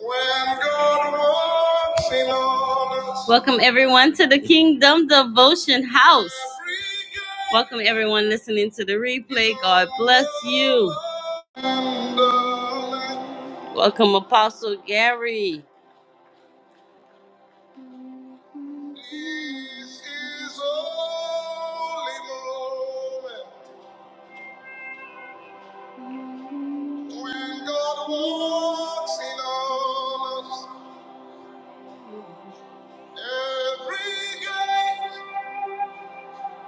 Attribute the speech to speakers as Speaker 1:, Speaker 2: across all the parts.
Speaker 1: When God walks in on us. Welcome everyone to the Kingdom Devotion House. Welcome everyone listening to the replay. God bless you. Welcome Apostle Gary.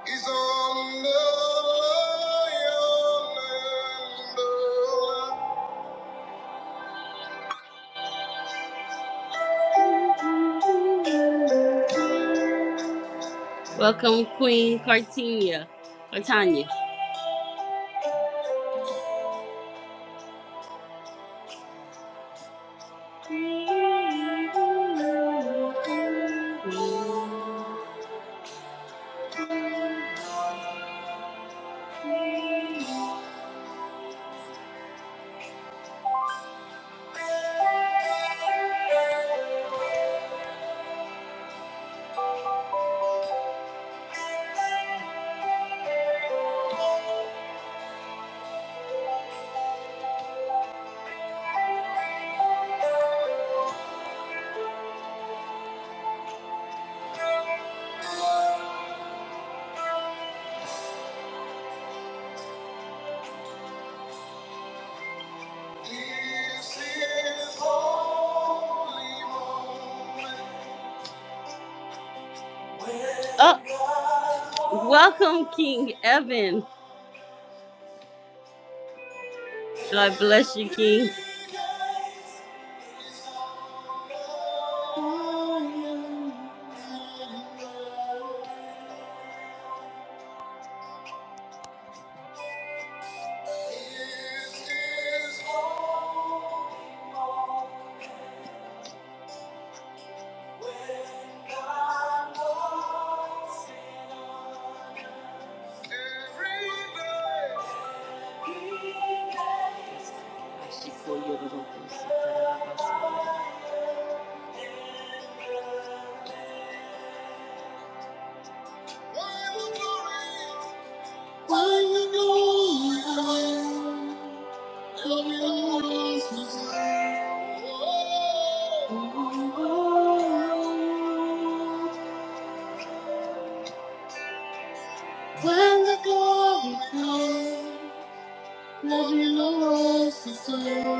Speaker 1: He's on the Welcome, Queen Cartinia. Cartania. This is holy moment. Oh, welcome, King Evan. God bless you, King. This is holy moment when God walks in us. Every day. Why the glory? Why the glory? When the glory comes, let me know what to serve. When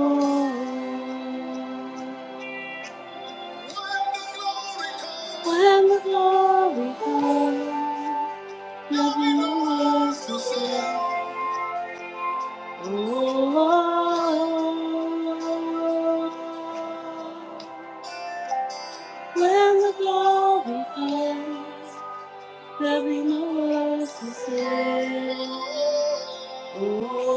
Speaker 1: the glory comes, let me know what to say. Oh, when the glory comes, there'll be no words to say. Oh.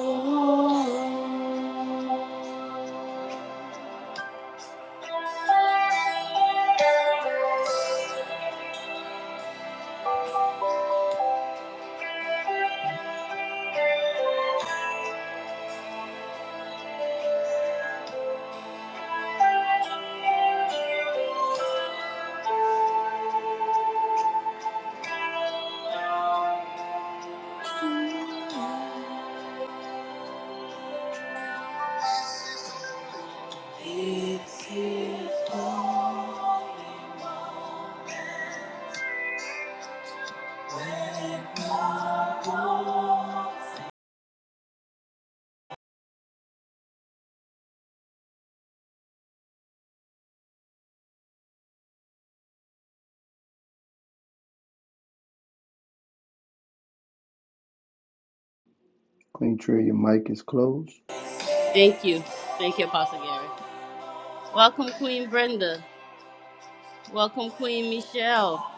Speaker 2: Queen Tria, your mic is closed.
Speaker 1: Thank you. Thank you, Apostle Gary. Welcome, Queen Brenda. Welcome, Queen Michelle.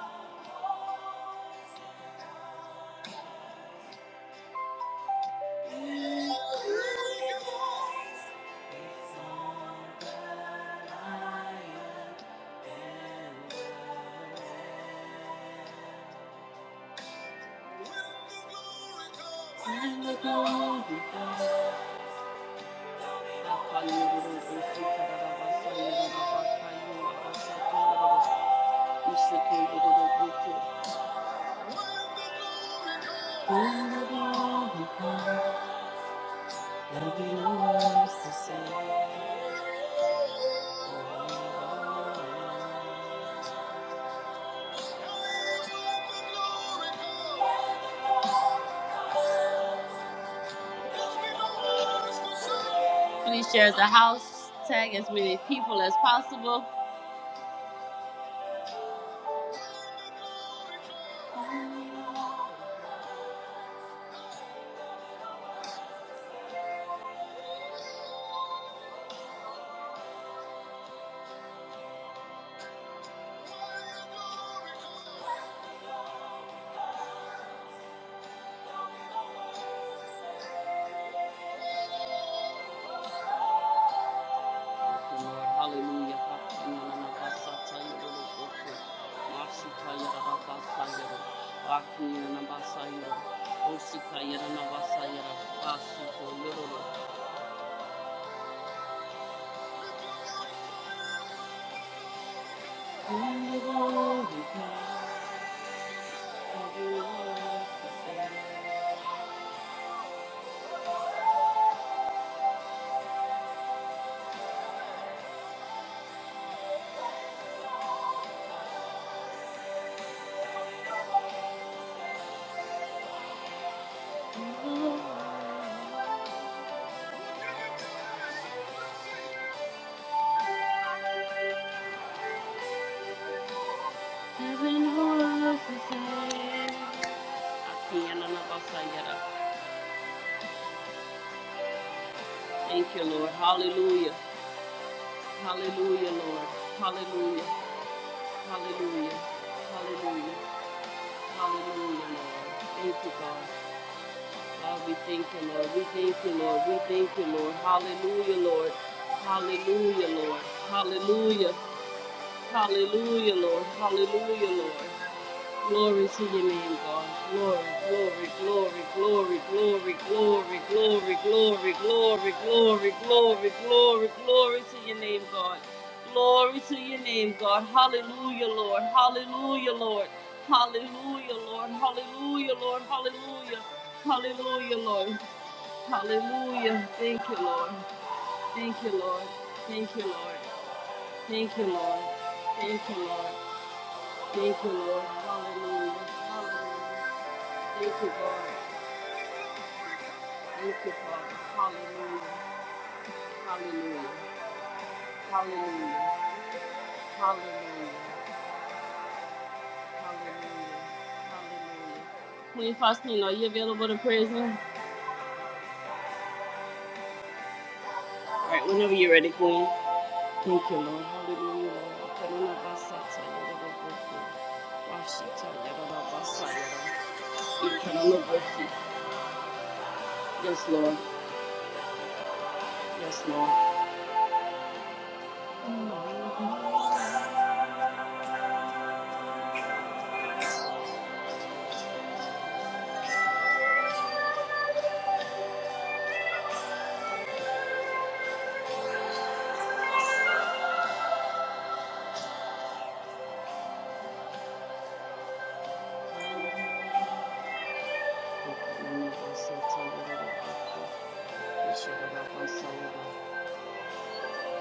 Speaker 1: When the glory comes, no Please share the house, tag as many people as possible. Lord. Hallelujah. Thank you, Lord. Hallelujah. Hallelujah, Lord. Hallelujah. Hallelujah. Hallelujah. Hallelujah, Lord. Thank you, God. God, we thank you, Lord. We thank you, Lord. We thank you, Lord. Hallelujah, Lord. Hallelujah, Lord. Hallelujah. Hallelujah, Lord. Hallelujah, Lord. Glory to your name, God. Glory, glory, glory, glory, glory, glory, glory, glory, glory, glory, glory, glory, glory to your name, God. Glory to your name, God. Hallelujah, Lord. Hallelujah, Lord. Hallelujah, Lord. Hallelujah, Lord. Hallelujah. Hallelujah, Lord. Hallelujah. Thank you, Lord. Thank you, Lord. Thank you, Lord. Thank you, Lord. Thank you, Lord. Thank you, Lord. Hallelujah. Hallelujah. Thank you, God. Thank you, Father. Hallelujah. Hallelujah. Hallelujah. Hallelujah. Hallelujah. Hallelujah. Queen Faustina, are you available to praise Him? All right, whenever you're ready, Queen. Thank you, Lord. Hallelujah. Yes, Lord. Yes, Lord. Yes, Lord.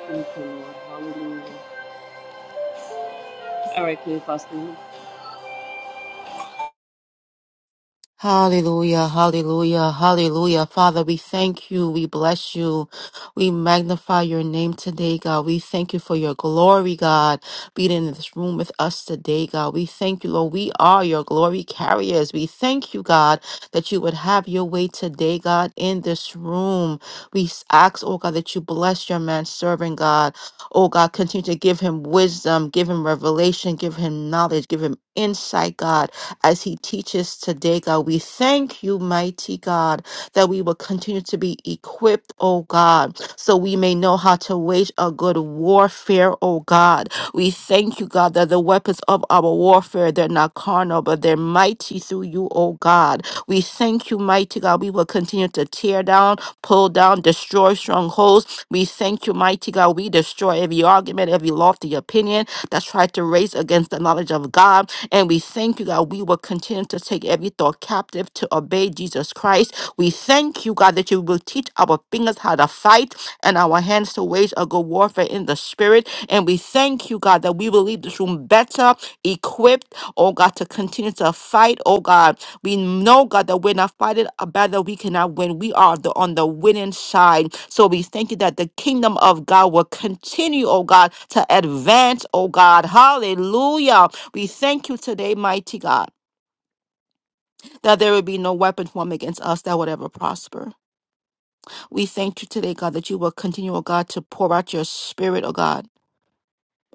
Speaker 1: Thank you, Lord. Hallelujah. All right, Queen Faustina.
Speaker 3: Hallelujah, hallelujah, hallelujah. Father, we thank you. We bless you. We magnify your name today, God. We thank you for your glory, God, being in this room with us today, God. We thank you, Lord. We are your glory carriers. We thank you, God, that you would have your way today, God, in this room. We s- ask, oh God, that you bless your man servant, God. Oh God, continue to give him wisdom, give him revelation, give him knowledge, give him insight, God as he teaches today, God. We thank you, mighty God, that we will continue to be equipped, oh God, so we may know how to wage a good warfare, oh God. We thank you, God, that the weapons of our warfare, they're not carnal, but they're mighty through you, oh God. We thank you, mighty God. We will continue to tear down, pull down, destroy strongholds. We thank you, mighty God. We destroy every argument, every lofty opinion that's tried to raise against the knowledge of God. And we thank you, God, we will continue to take every thought captive to obey Jesus Christ. We thank you, God, that you will teach our fingers how to fight and our hands to wage a good warfare in the spirit. And we thank you, God, that we will leave this room better equipped, oh God, to continue to fight, oh God. We know, God, that we're not fighting a battle we cannot win. We are the, on the winning side. So we thank you that the kingdom of God will continue, oh God, to advance, oh God. Hallelujah. We thank you today, mighty God, that there will be no weapon formed against us that would ever prosper. We thank you today, God, that you will continue, oh God, to pour out your spirit, oh God,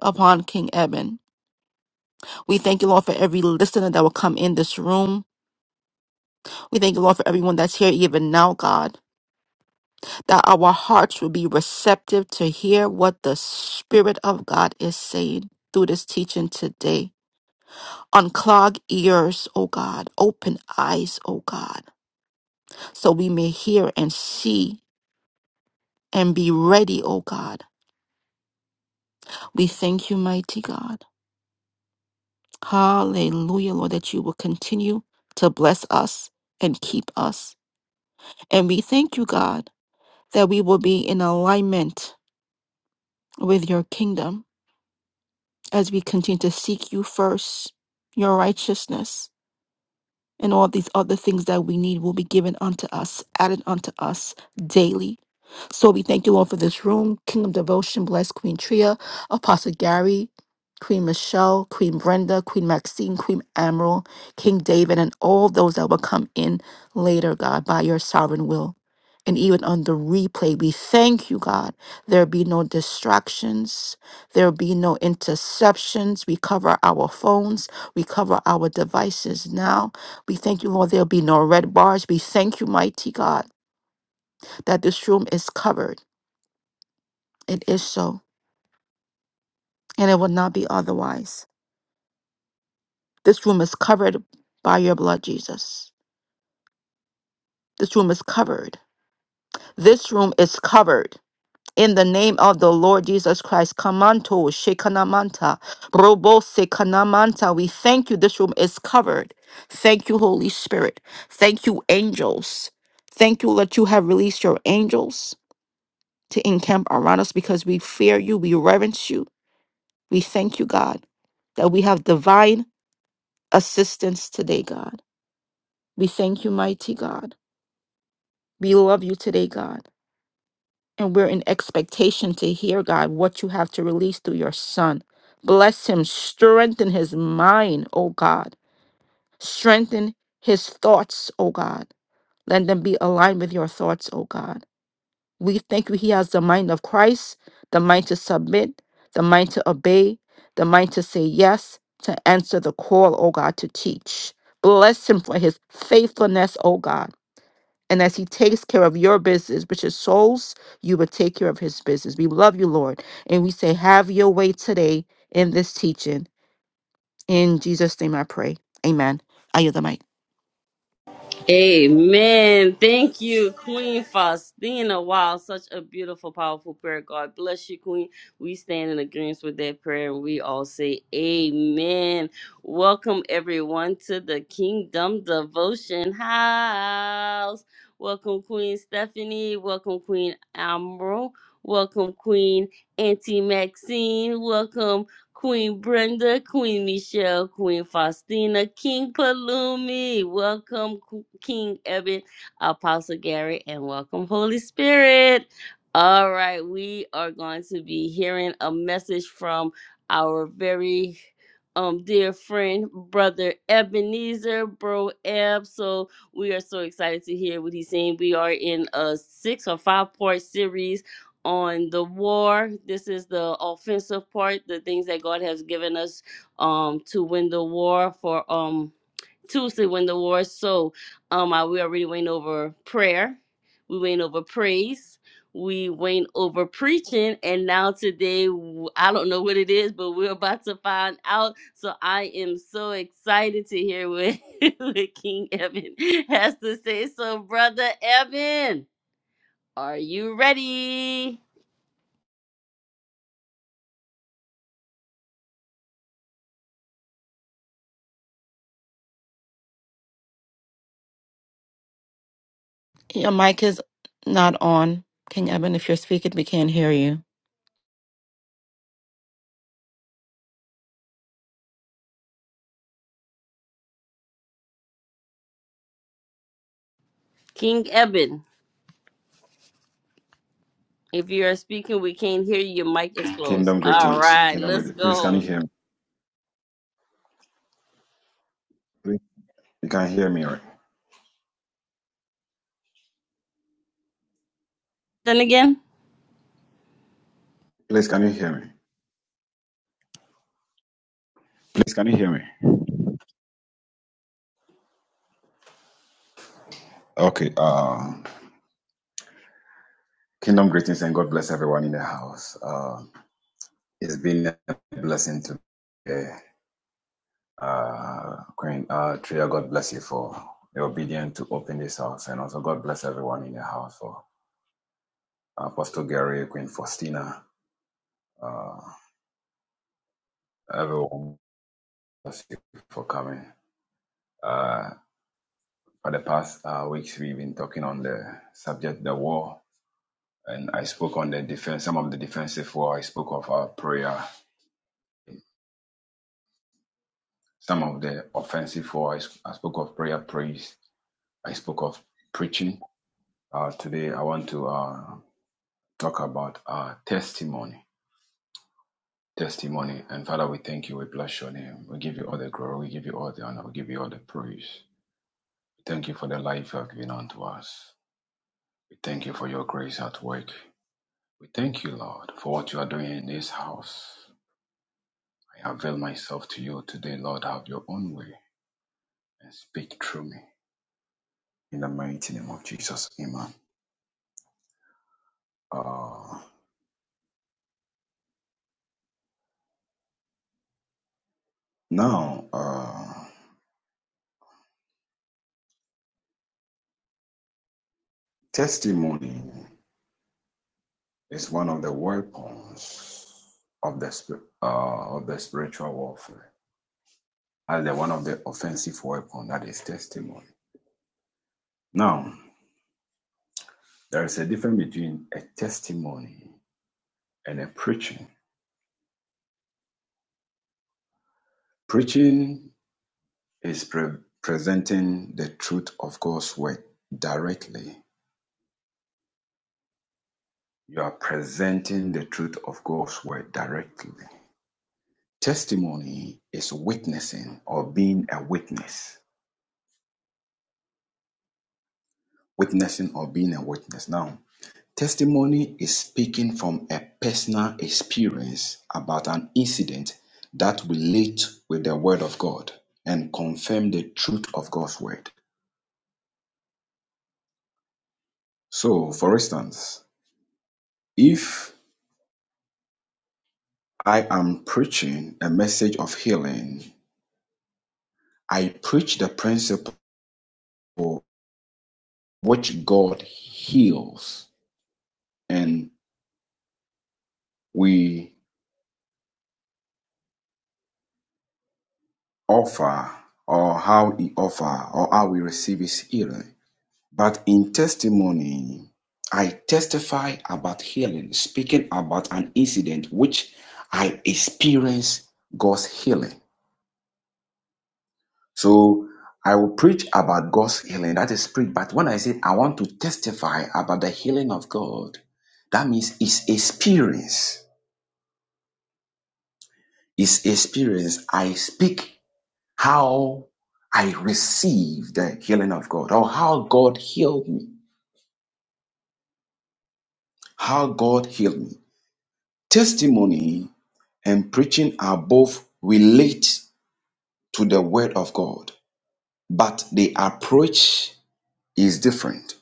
Speaker 3: upon King Eben. We thank you, Lord, for every listener that will come in this room. We thank you, Lord, for everyone that's here even now, God, that our hearts will be receptive to hear what the Spirit of God is saying through this teaching today. Unclog ears, oh God. Open eyes, oh God so we may hear and see and be ready, O God. We thank you, mighty God. Hallelujah, Lord, that you will continue to bless us and keep us. And we thank you, God, that we will be in alignment with your kingdom as we continue to seek you first, your righteousness, and all these other things that we need will be given unto us, added unto us daily. So we thank you, Lord, for this room. Kingdom Devotion, bless Queen Tria, Apostle Gary, Queen Michelle, Queen Brenda, Queen Maxine, Queen Admiral, King David, and all those that will come in later, God, by your sovereign will. And even on the replay, we thank you, God. There be no distractions. There be no interceptions. We cover our phones. We cover our devices now. We thank you, Lord. There'll be no red bars. We thank you, mighty God, that this room is covered it is so, and it will not be otherwise. This room is covered by your blood, Jesus. This room is covered. This room is covered. In the name of the Lord Jesus Christ, Kamanto, Shekanamanta, Robo Sekanamanta, we thank you. This room is covered. Thank you, Holy Spirit. Thank you, angels. Thank you that you have released your angels to encamp around us because we fear you, we reverence you. We thank you, God, that we have divine assistance today, God. We thank you, mighty God. We love you today, God. And we're in expectation to hear, God, what you have to release through your son. Bless him, strengthen his mind, O God. Strengthen his thoughts, O God. Let them be aligned with your thoughts, O God. We thank you, he has the mind of Christ, the mind to submit, the mind to obey, the mind to say yes, to answer the call, O God, to teach. Bless him for his faithfulness, O God. And as he takes care of your business, which is souls, you will take care of his business. We love you, Lord. And we say, have your way today in this teaching. In Jesus' name I pray. Amen. I yield the mic.
Speaker 1: Amen. Thank you, Queen Faustina. Wow, such a beautiful, powerful prayer. God bless you, Queen. We stand in agreement with that prayer and we all say amen. Welcome, everyone, to the Kingdom Devotion House. Welcome, Queen Stephanie. Welcome, Queen Admiral. Welcome, Queen Auntie Maxine. Welcome, Queen Brenda, Queen Michelle, Queen Faustina, King Palumi. Welcome, Qu- King Eben, Apostle Gary, and welcome, Holy Spirit. All right, we are going to be hearing a message from our very um dear friend, brother Ebenezer, bro Eb. So we are so excited to hear what he's saying. We are in a six or five part series on the war. This is the offensive part, the things that God has given us um, to win the war for um, Tuesday, win the war. So um, I, we already went over prayer, we went over praise, we went over preaching, and now today, w- I don't know what it is, but we're about to find out. So I am so excited to hear what, what King Evan has to say. So, Brother Evan, are you ready?
Speaker 3: Your mic is not on. King Eben, if you're speaking, we can't hear you.
Speaker 1: King Eben, if you are speaking, we can't hear you. Your mic is closed.
Speaker 4: Kingdom
Speaker 1: All
Speaker 4: greetings.
Speaker 1: right,
Speaker 4: Kingdom
Speaker 1: let's
Speaker 4: greetings. Please, can you
Speaker 1: go.
Speaker 4: hear me? Please, you can hear me, right?
Speaker 1: Then again.
Speaker 4: Please, can you hear me? Please, can you hear me? Okay. Uh, kingdom greetings and God bless everyone in the house. Uh, it's been a blessing today. Uh, Queen uh, Tria, God bless you for your obedience to open this house, and also God bless everyone in the house for uh, Apostle Gary, Queen Faustina, uh, everyone. Bless you for coming. Uh. for the past uh, weeks we've been talking on the subject the war and i spoke on the defense some of the defensive war i spoke of our prayer some of the offensive war i, s- I spoke of prayer praise i spoke of preaching uh, today i want to uh, talk about uh, testimony testimony and father we thank you we bless your name we give you all the glory we give you all the honor we give you all the praise thank you for the life you have given unto us we thank you for your grace at work We thank you, Lord, for what you are doing in this house. I avail myself to you today, Lord. Have your own way and speak through me. In the mighty name of Jesus, Amen. Uh, now, uh, testimony is one of the weapons of the spi- uh, of the spiritual warfare, as the one of the offensive weapon that is testimony. Now, there is a difference between a testimony and a preaching. Preaching is pre- presenting the truth of God's word directly. You are presenting the truth of God's word directly. Testimony is witnessing or being a witness. Witnessing or being a witness. Now, testimony is speaking from a personal experience about an incident that relates with the word of God and confirm the truth of God's word. So, for instance, if I am preaching a message of healing. I preach the principle which God heals and we offer or how he offer or how we receive his healing. But in testimony, I testify about healing, speaking about an incident which I experienced God's healing. So I will preach about God's healing. That is preach. But when I say I want to testify about the healing of God, that means it's experience. It's experience. I speak how I receive the healing of God or how God healed me. How God healed me. Testimony and preaching are both relate to the word of God, but the approach is different.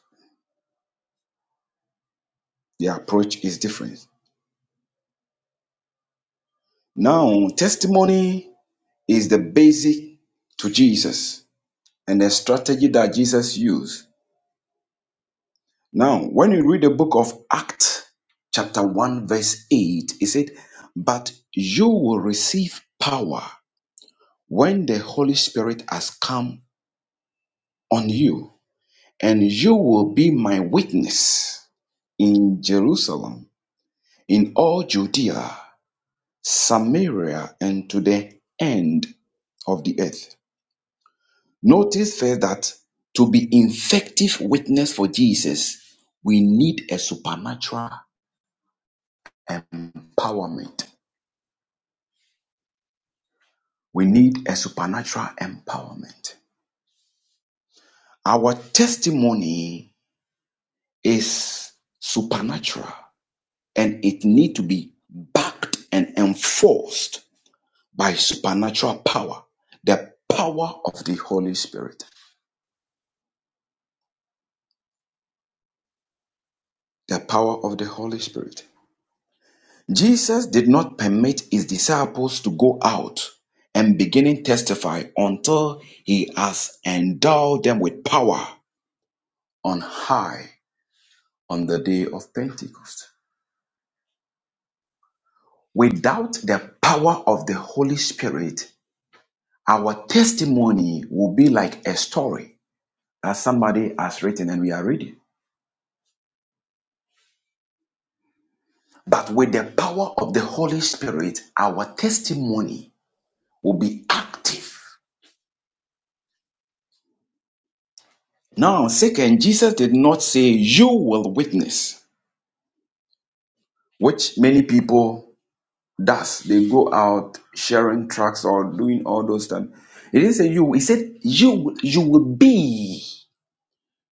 Speaker 4: The approach is different. Now, testimony is the basic to Jesus and the strategy that Jesus used. Now, when you read the book of Acts, chapter 1, verse 8, it said, But you will receive power when the Holy Spirit has come on you, and you will be my witness in Jerusalem, in all Judea, Samaria, and to the end of the earth. Notice first that to be effective witness for Jesus, we need a supernatural empowerment. We need a supernatural empowerment. Our testimony is supernatural and it need to be backed and enforced by supernatural power, the power of the Holy Spirit. The power of the Holy Spirit. Jesus did not permit his disciples to go out and beginning testify until he has endowed them with power on high on the day of Pentecost. Without the power of the Holy Spirit, our testimony will be like a story that somebody has written and we are reading. But with the power of the Holy Spirit, our testimony will be active. Now, second, Jesus did not say, You will witness. which many people does. They go out sharing tracks or doing all those things. He didn't say you. He said you. You will be.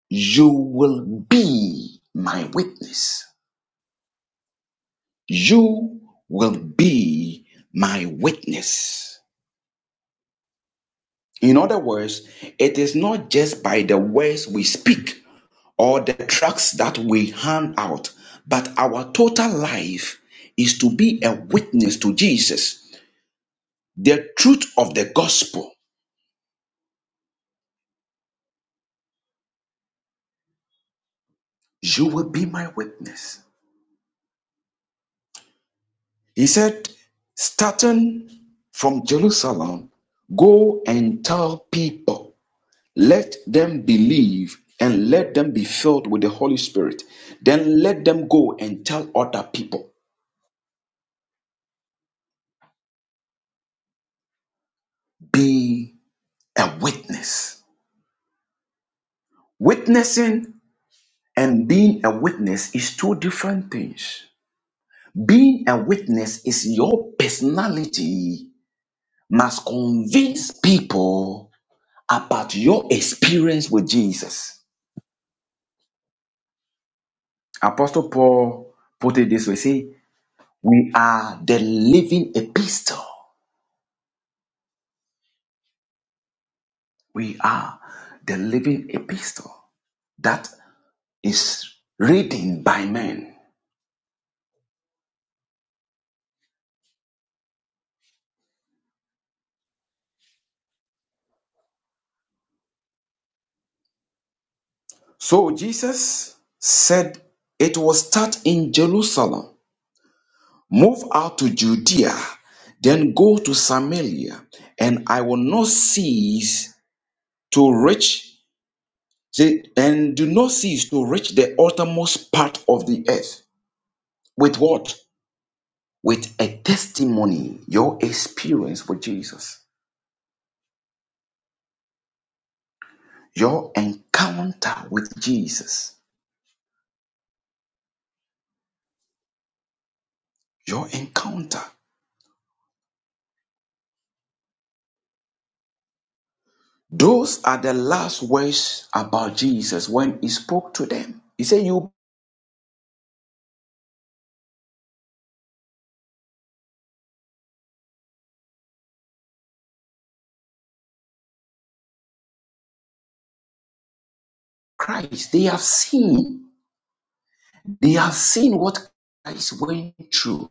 Speaker 4: You will be my witness. You will be my witness. In other words, it is not just by the words we speak or the tracks that we hand out, but our total life is to be a witness to Jesus The truth of the gospel, you will be my witness. He said, starting from Jerusalem, go and tell people, let them believe and let them be filled with the Holy Spirit. Then let them go and tell other people, be a witness. Witnessing and being a witness is two different things. Being a witness is your personality must convince people about your experience with Jesus. Apostle Paul put it this way say, We are the living epistle. We are the living epistle that is written by men. So Jesus said it will start in Jerusalem, move out to Judea, then go to Samaria, and I will not cease to reach Say, and do not cease to reach the uttermost part of the earth. With what? With a testimony, your experience with Jesus, your encounter with Jesus, your encounter. Those are the last words about Jesus when he spoke to them. He said, You Christ, they have seen, they have seen what Christ went through.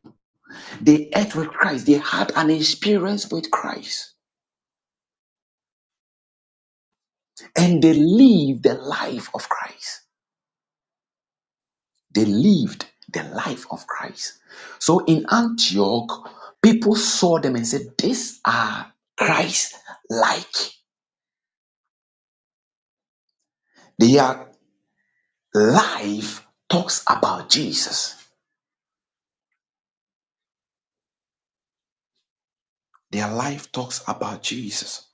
Speaker 4: They ate with Christ, they had an experience with Christ, and they live the life of Christ. They lived the life of Christ. So in Antioch, people saw them and said, These are Christ like. Their life talks about Jesus. Their life talks about Jesus.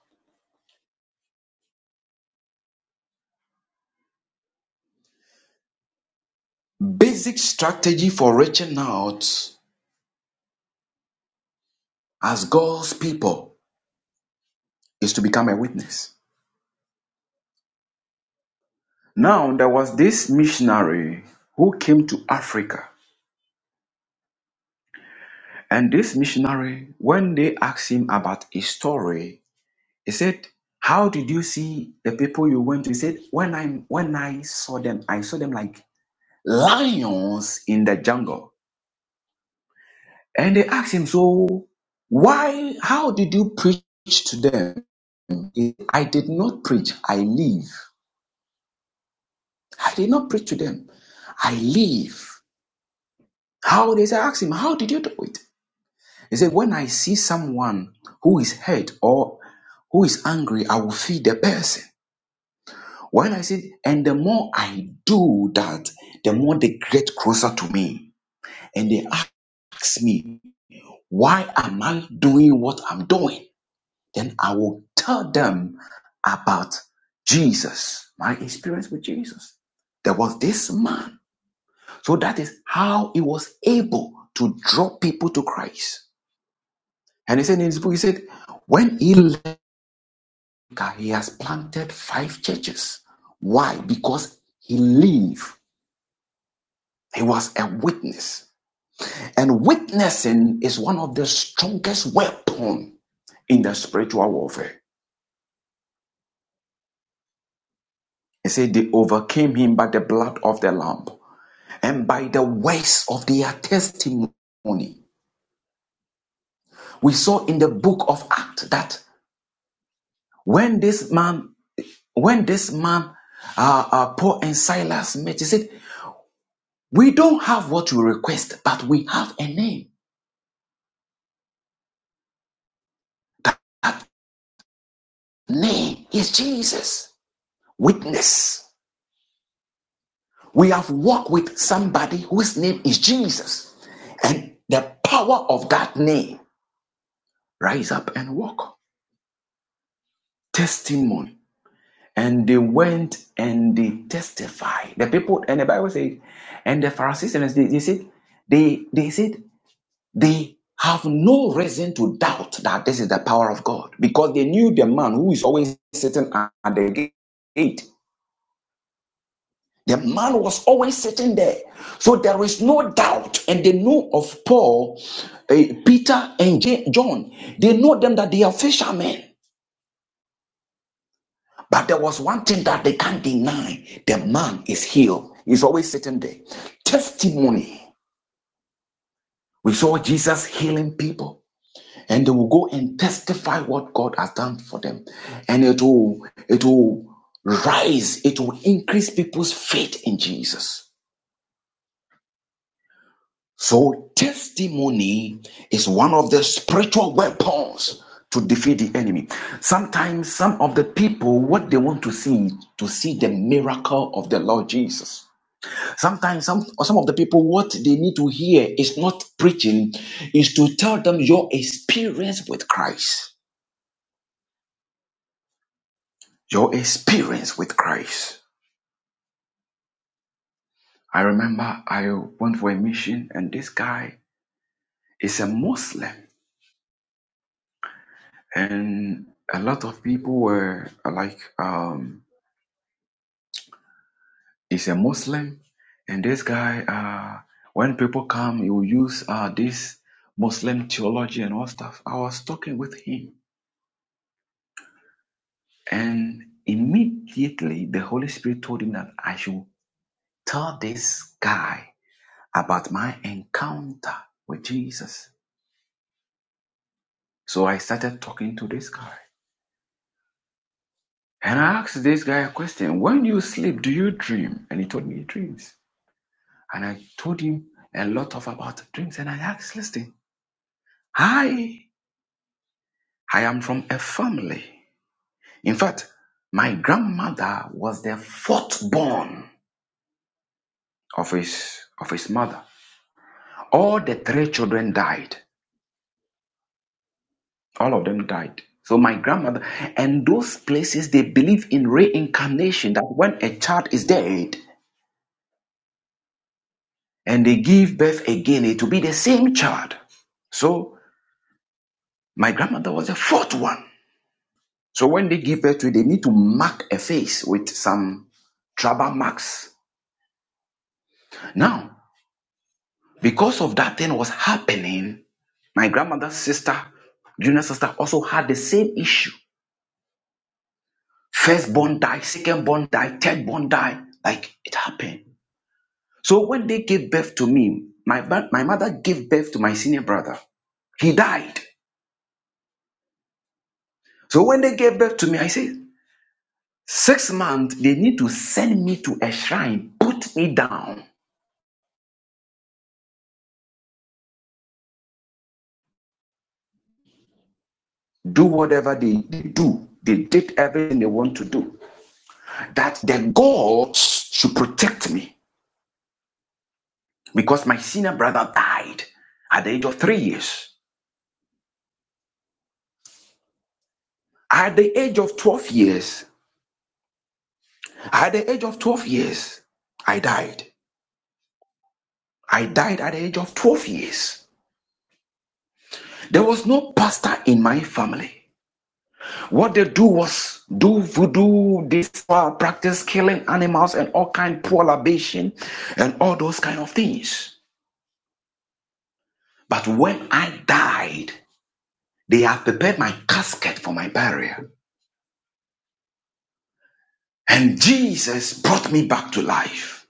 Speaker 4: Basic strategy for reaching out as God's people is to become a witness. Now, there was this missionary who came to Africa. And this missionary, when they asked him about his story, He said, How did you see the people you went to? He said, When I when I saw them, I saw them like lions in the jungle. And they asked him, So why how did you preach to them? He said, I did not preach, I live. I did not preach to them. I live. How they said, asked him, How did you do it? He said, When I see someone who is hurt or who is angry, I will feed the person. While I said, and the more I do that, the more they get closer to me. And they ask me, why am I doing what I'm doing? Then I will tell them about Jesus, my experience with Jesus. There was this man. So that is how he was able to draw people to Christ. And he said in his book, he said, when he left, he has planted five churches. Why? Because he lived. He was a witness. And witnessing is one of the strongest weapon in the spiritual warfare. It said they overcame him by the blood of the lamb and by the words of their testimony. We saw in the book of Acts that when this man, when this man, uh, uh, Paul and Silas met, he said, "We don't have what you request, but we have a name. That name is Jesus. Witness." We have walked with somebody whose name is Jesus, and the power of that name rise up and walk. Testimony. And they went and they testified. The people and the Bible said, and the Pharisees and they, they said, they they said they have no reason to doubt that this is the power of God because they knew the man who is always sitting at the gate The man was always sitting there. So there is no doubt. And they knew of Paul, eh, Peter, and Ja- John. They know them that they are fishermen. But there was one thing that they can't deny the man is healed. He's always sitting there. Testimony. We saw Jesus healing people. And they will go and testify what God has done for them. And it will, it will rise, it will increase people's faith in Jesus. So, testimony is one of the spiritual weapons to defeat the enemy. Sometimes, some of the people, what they want to see, to see the miracle of the Lord Jesus. Sometimes, some, or some of the people, what they need to hear is not preaching, is to tell them your experience with Christ. Your experience with Christ. I remember I went for a mission, and this guy is a Muslim. and a lot of people were like um he's a muslim and this guy uh when people come he will use uh this muslim theology and all stuff i was talking with him and immediately the holy spirit told him that i should tell this guy about my encounter with jesus so i started talking to this guy and i asked this guy a question when you sleep do you dream and he told me he dreams And I told him a lot of about dreams. And I asked, listen, I, I am from a family. In fact, my grandmother was the fourth born of his, of his mother. All the three children died. All of them died. So my grandmother, and those places, they believe in reincarnation, that when a child is dead and they give birth again, it will be the same child. So my grandmother was the fourth one. So when they give birth to it, they need to mark a face with some tribal marks. Now, because of that thing was happening, my grandmother's sister, junior sister, also had the same issue. Firstborn died, secondborn died, thirdborn died. Like it happened. So when they gave birth to me, my, my mother gave birth to my senior brother. He died. So when they gave birth to me, I said, six months, they need to send me to a shrine, put me down do whatever they, they do. They did everything they want to do. That the gods should protect me because my senior brother died at the age of three years. At the age of 12 years, at the age of 12 years, I died. I died at the age of 12 years. There was no pastor in my family. What they do was do voodoo, this practice killing animals and all kind of poor libation and all those kind of things. But when I died, they have prepared my casket for my burial. And Jesus brought me back to life.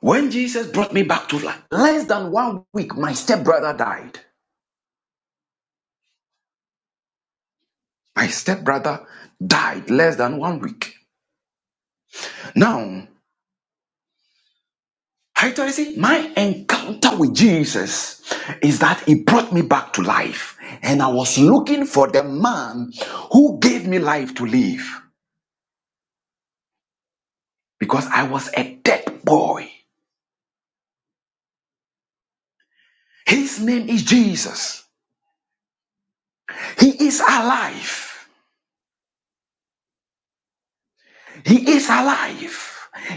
Speaker 4: When Jesus brought me back to life, less than one week, my stepbrother died. My stepbrother died less than one week. Now, I tell you, see, my encounter with Jesus is that he brought me back to life. And I was looking for the man who gave me life to live because I was a dead boy. His name is Jesus. He is alive. He is alive.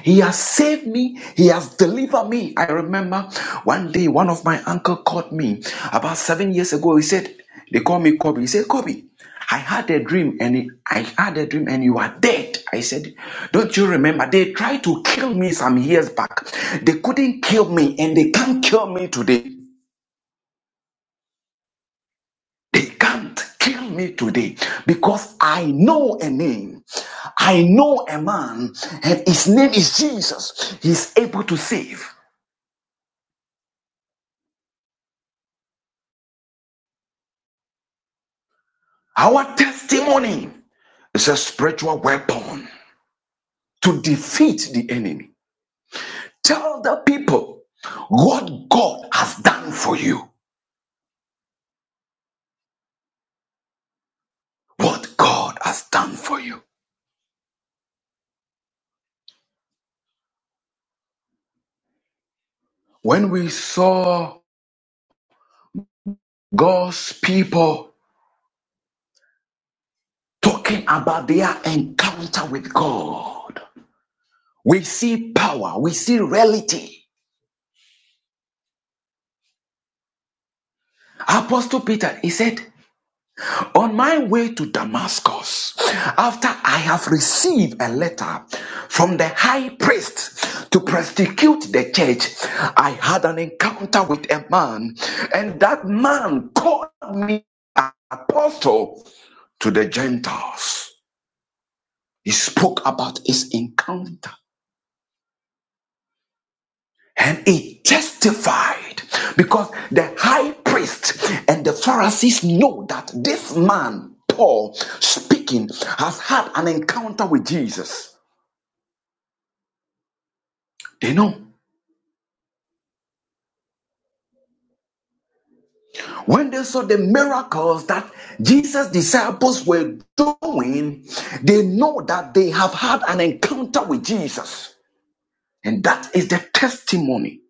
Speaker 4: He has saved me. He has delivered me. I remember one day one of my uncle called me about seven years ago. He said, they call me Kobe. He said, Kobe, I had a dream and I had a dream and you are dead. I said, don't you remember? They tried to kill me some years back. They couldn't kill me and they can't kill me today. They can't kill me today because I know a name. I know a man, and his name is Jesus. He's able to save. Our testimony is a spiritual weapon to defeat the enemy. Tell the people what God has done for you. What God has done for you. When we saw God's people talking about their encounter with God, We see power, we see reality. Apostle Peter, he said, On my way to Damascus, after I have received a letter from the high priest to persecute the church, I had an encounter with a man, and that man called me an apostle to the Gentiles. He spoke about his encounter. and he testified because the high priest and the Pharisees know that this man, Paul, speaking, has had an encounter with Jesus. They know. When they saw the miracles that Jesus' disciples were doing, they know that they have had an encounter with Jesus. And that is the testimony.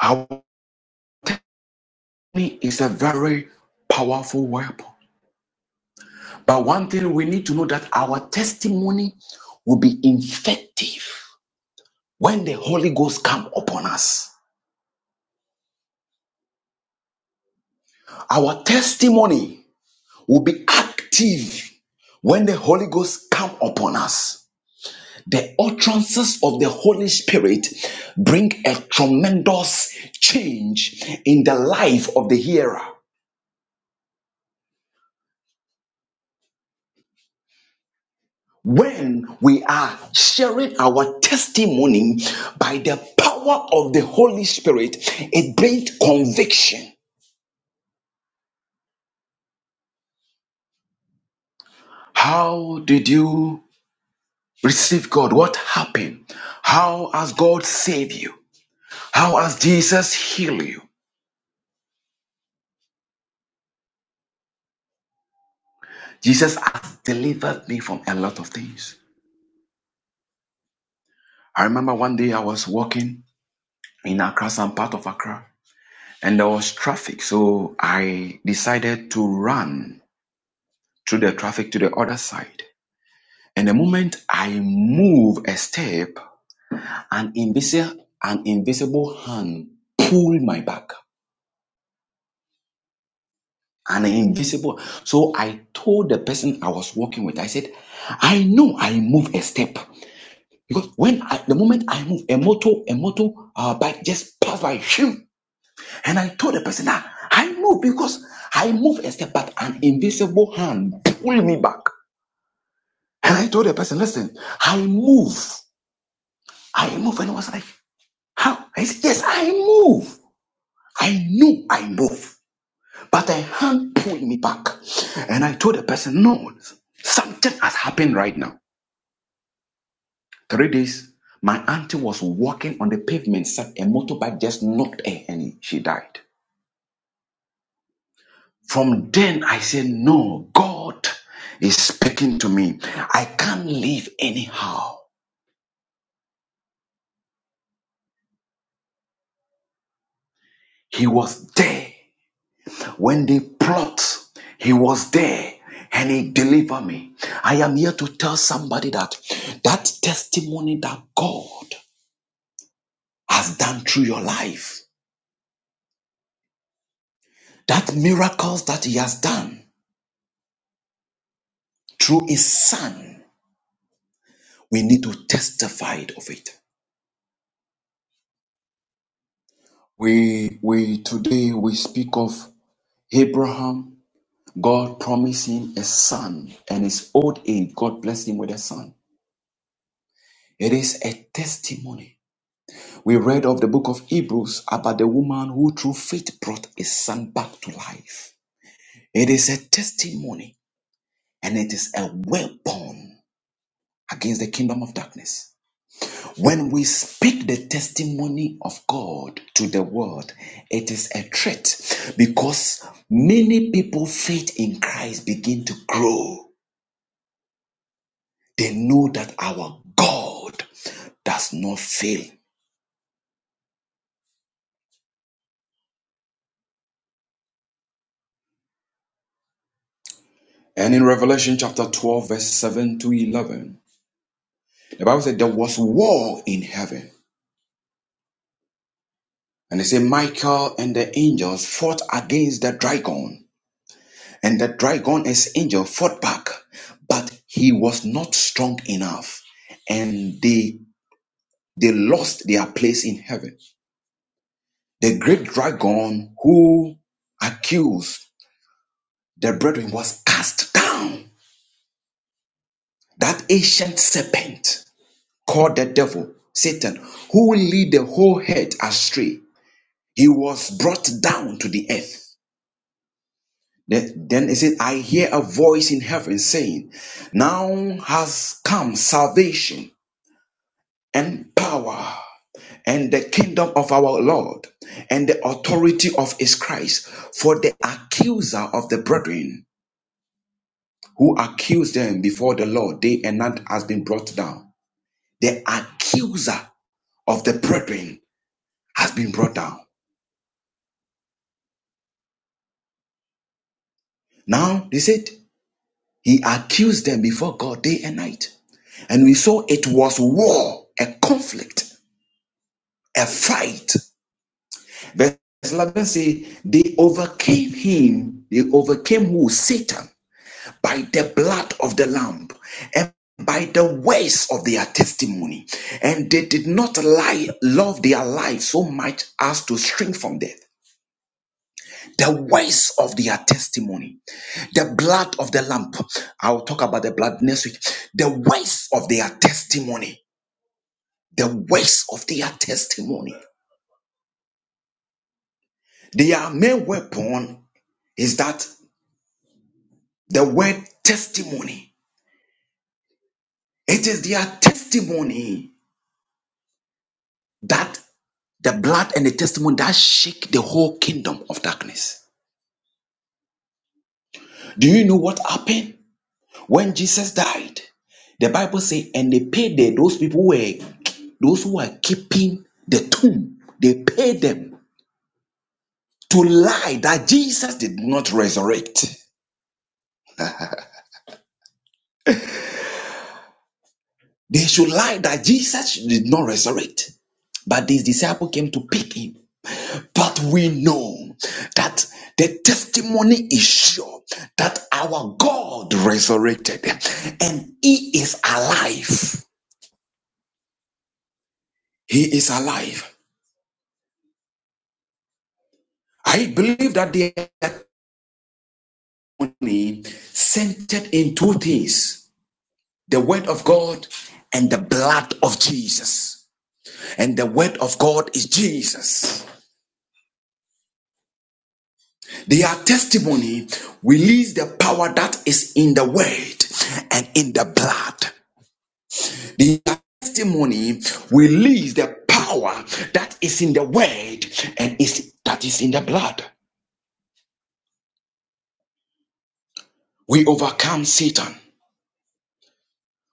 Speaker 4: Our testimony is a very powerful weapon. But one thing we need to know that our testimony will be effective when the Holy Ghost come upon us. Our testimony will be active when the Holy Ghost come upon us. The utterances of the Holy Spirit bring a tremendous change in the life of the hearer. When we are sharing our testimony by the power of the Holy Spirit, it brings conviction How did you receive God? What happened? How has God saved you? How has Jesus healed you? Jesus has delivered me from a lot of things. I remember one day I was walking in Accra, some part of Accra, and there was traffic. So I decided to run through the traffic to the other side. And the moment I move a step, an invisible, an invisible hand pulled my back. an invisible. So I told the person I was working with, I said, I know I move a step because when I, the moment I move a motor, a motor uh, bike just passed by him, and I told the person, ah, I move because I move a step, but an invisible hand pulled me back, and I told the person, listen, I move, I move, and I was like, how? I said, yes, I move. I know I move. But her hand pulled me back. And I told the person, no, something has happened right now. Three days, my auntie was walking on the pavement, sat a motorbike just knocked her and she died. From then, I said, no, God is speaking to me. I can't live anyhow. He was there when they plot. He was there and he delivered me. I am here to tell somebody that that testimony that God has done through your life, that miracles that He has done through His Son, we need to testify of it. We we today we speak of Abraham. God promised him a son, and his old age, God blessed him with a son. It is a testimony. We read of the book of Hebrews about the woman who through faith brought a son back to life. It is a testimony and it is a weapon against the kingdom of darkness. When we speak the testimony of God to the world, it is a threat because many people faith in Christ begin to grow. They know that our God does not fail. And in Revelation chapter 12, verse 7 to 11, the Bible said there was war in heaven. And they say Michael and the angels fought against the dragon And the dragon, as angel, fought back, but he was not strong enough, and they they lost their place in heaven. The great dragon who accused the brethren was cast down. That ancient serpent called the devil, Satan, who lead the whole head astray. He was brought down to the earth. Then then it said, I hear a voice in heaven saying, Now has come salvation and power and the kingdom of our Lord and the authority of his Christ. For the accuser of the brethren who accused them before the Lord day and night has been brought down. The accuser of the brethren has been brought down. Now, they said, he accused them before God day and night. And we saw it was war, a conflict, a fight. Verse 11 says they overcame him. They overcame who? Satan by the blood of the Lamb and by the words of their testimony. And they did not lie, love their life so much as to shrink from death. The words of their testimony, the blood of the lamb. I'll talk about the blood next week. The words of their testimony, the words of their testimony. Their main weapon is that the word testimony. It is their testimony that the blood and the testimony that shake the whole kingdom of darkness. Do you know what happened when Jesus died? The Bible says, and they paid the, those people who were those who were keeping the tomb. They paid them to lie that Jesus did not resurrect. They should lie that Jesus did not resurrect. But these disciples came to pick him But we know that the testimony is sure that our God resurrected and He is alive. He is alive. I believe that the testimony centered in two things the Word of God and the blood of Jesus. And the Word of God is Jesus. Their testimony release the power that is in the Word and in the blood. The testimony release the power that is in the word and is that is in the blood. We overcome Satan.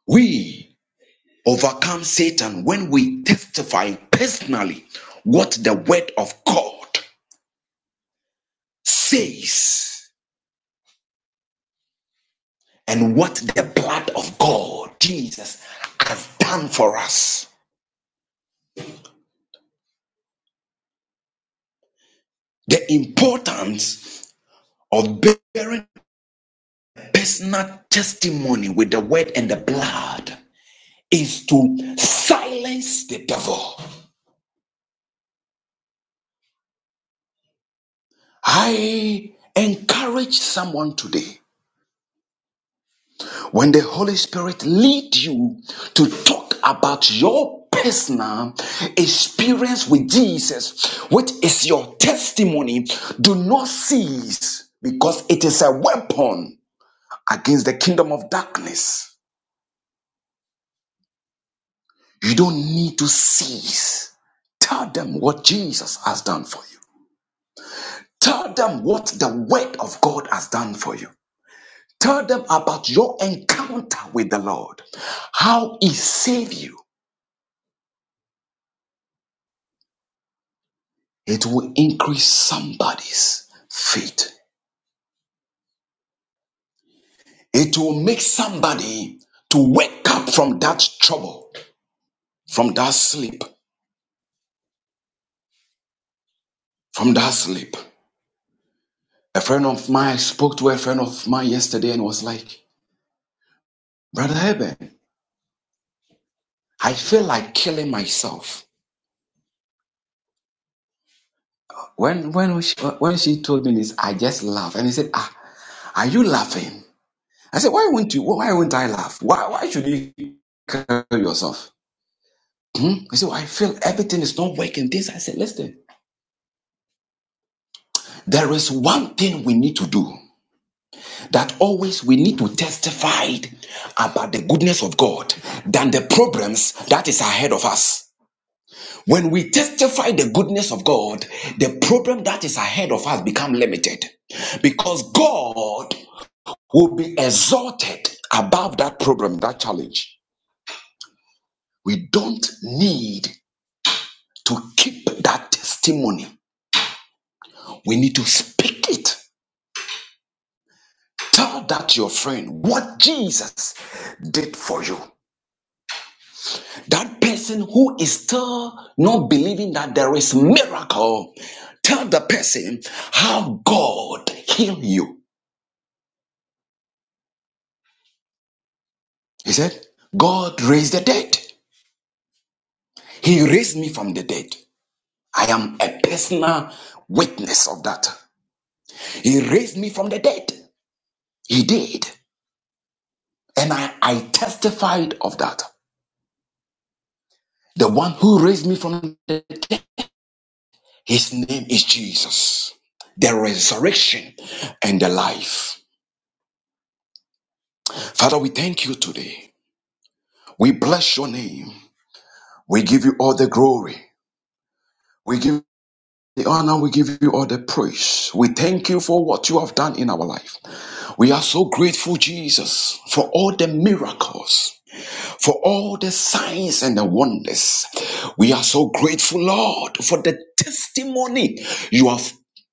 Speaker 4: We overcome Satan when we testify personally what the word of God says and what the blood of God, Jesus, has done for us. The importance of bearing personal testimony with the word and the blood is to silence the devil. I encourage someone today when the Holy Spirit leads you to talk about your personal experience with Jesus, which is your testimony, do not cease because it is a weapon against the kingdom of darkness. You don't need to cease. Tell them what Jesus has done for you. Tell them what the word of God has done for you. Tell them about your encounter with the Lord, how He saved you. It will increase somebody's faith. It will make somebody to wake up from that trouble, from that sleep, from that sleep. A friend of mine, I spoke to a friend of mine yesterday and was like, Brother Eben, I feel like killing myself. When, when, she, when she told me this, I just laughed. And he said, Ah, are you laughing? I said, why won't you? Why won't I laugh? Why, why should you kill yourself? Hmm? He said, well, I feel everything is not working. This, I said, listen, there is one thing we need to do that always we need to testify about the goodness of God than the problems that is ahead of us. When we testify the goodness of God, the problem that is ahead of us become limited because God will be exalted above that problem, that challenge. We don't need to keep that testimony, we need to speak it. Tell that your friend what Jesus did for you. That person who is still not believing that there is miracle, tell the person how God healed you. He said, God raised the dead. He raised me from the dead. I am a personal witness of that. He raised me from the dead. He did. And I, I testified of that. The one who raised me from the dead, his name is Jesus, the resurrection and the life. Father, we thank you today. We bless your name. We give you all the glory. We give you the honor. We give you all the praise. We thank you for what you have done in our life. We are so grateful, Jesus, for all the miracles, for all the signs and the wonders. We are so grateful, Lord, for the testimony you have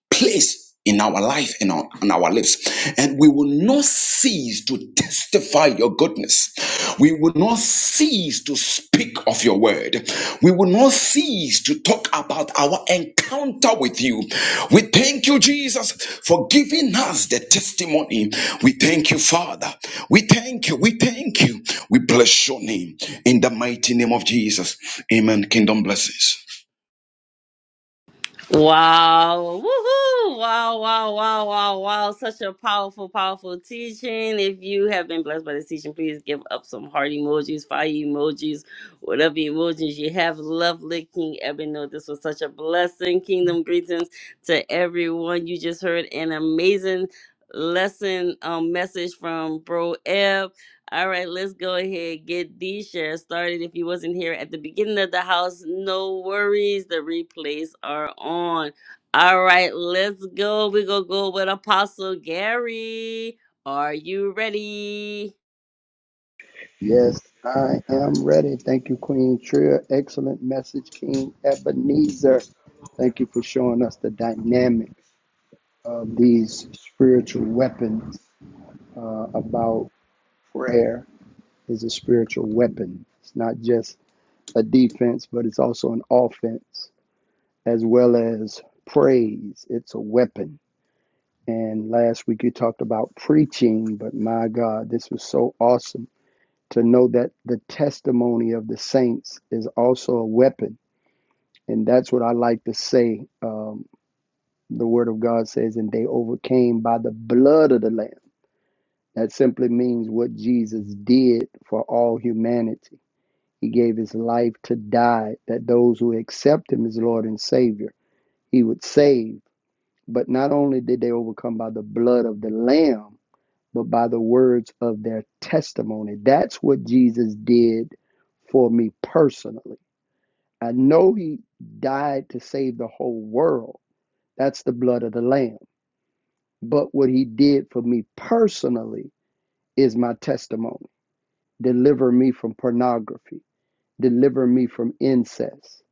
Speaker 4: place in our life and on, on our lips. And we will not cease to testify your goodness. We will not cease to speak of your word. We will not cease to talk about our encounter with you. We thank you, Jesus, for giving us the testimony. We thank you, Father. We thank you. We thank you. We bless your name in the mighty name of Jesus. Amen. Kingdom blessings.
Speaker 1: Wow. Woohoo. Wow, wow, wow, wow, wow. Such a powerful, powerful teaching. If you have been blessed by this teaching, please give up some heart emojis, fire emojis, whatever emojis you have. Lovely King Eben. No, this was such a blessing. Kingdom greetings to everyone. You just heard an amazing lesson um, message from Bro Ebb. All right, let's go ahead get these shares started. If you wasn't here at the beginning of the house, no worries. The replays are on. All right, let's go. We're gonna go with Apostle Gary. Are you ready?
Speaker 2: Yes, I am ready. Thank you, Queen Tria. Excellent message, King Ebenezer. Thank you for showing us the dynamics of these spiritual weapons uh, about prayer is a spiritual weapon. It's not just a defense, but it's also an offense as well as praise. It's a weapon. And last week you talked about preaching, but my God, this was so awesome to know that the testimony of the saints is also a weapon. And that's what I like to say. Um, the word of God says, and they overcame by the blood of the Lamb. That simply means what Jesus did for all humanity. He gave his life to die, that those who accept him as Lord and Savior, he would save. But not only did they overcome by the blood of the Lamb, but by the words of their testimony. That's what Jesus did for me personally. I know he died to save the whole world. That's the blood of the Lamb. But what he did for me personally is my testimony. Deliver me from pornography, deliver me from incest,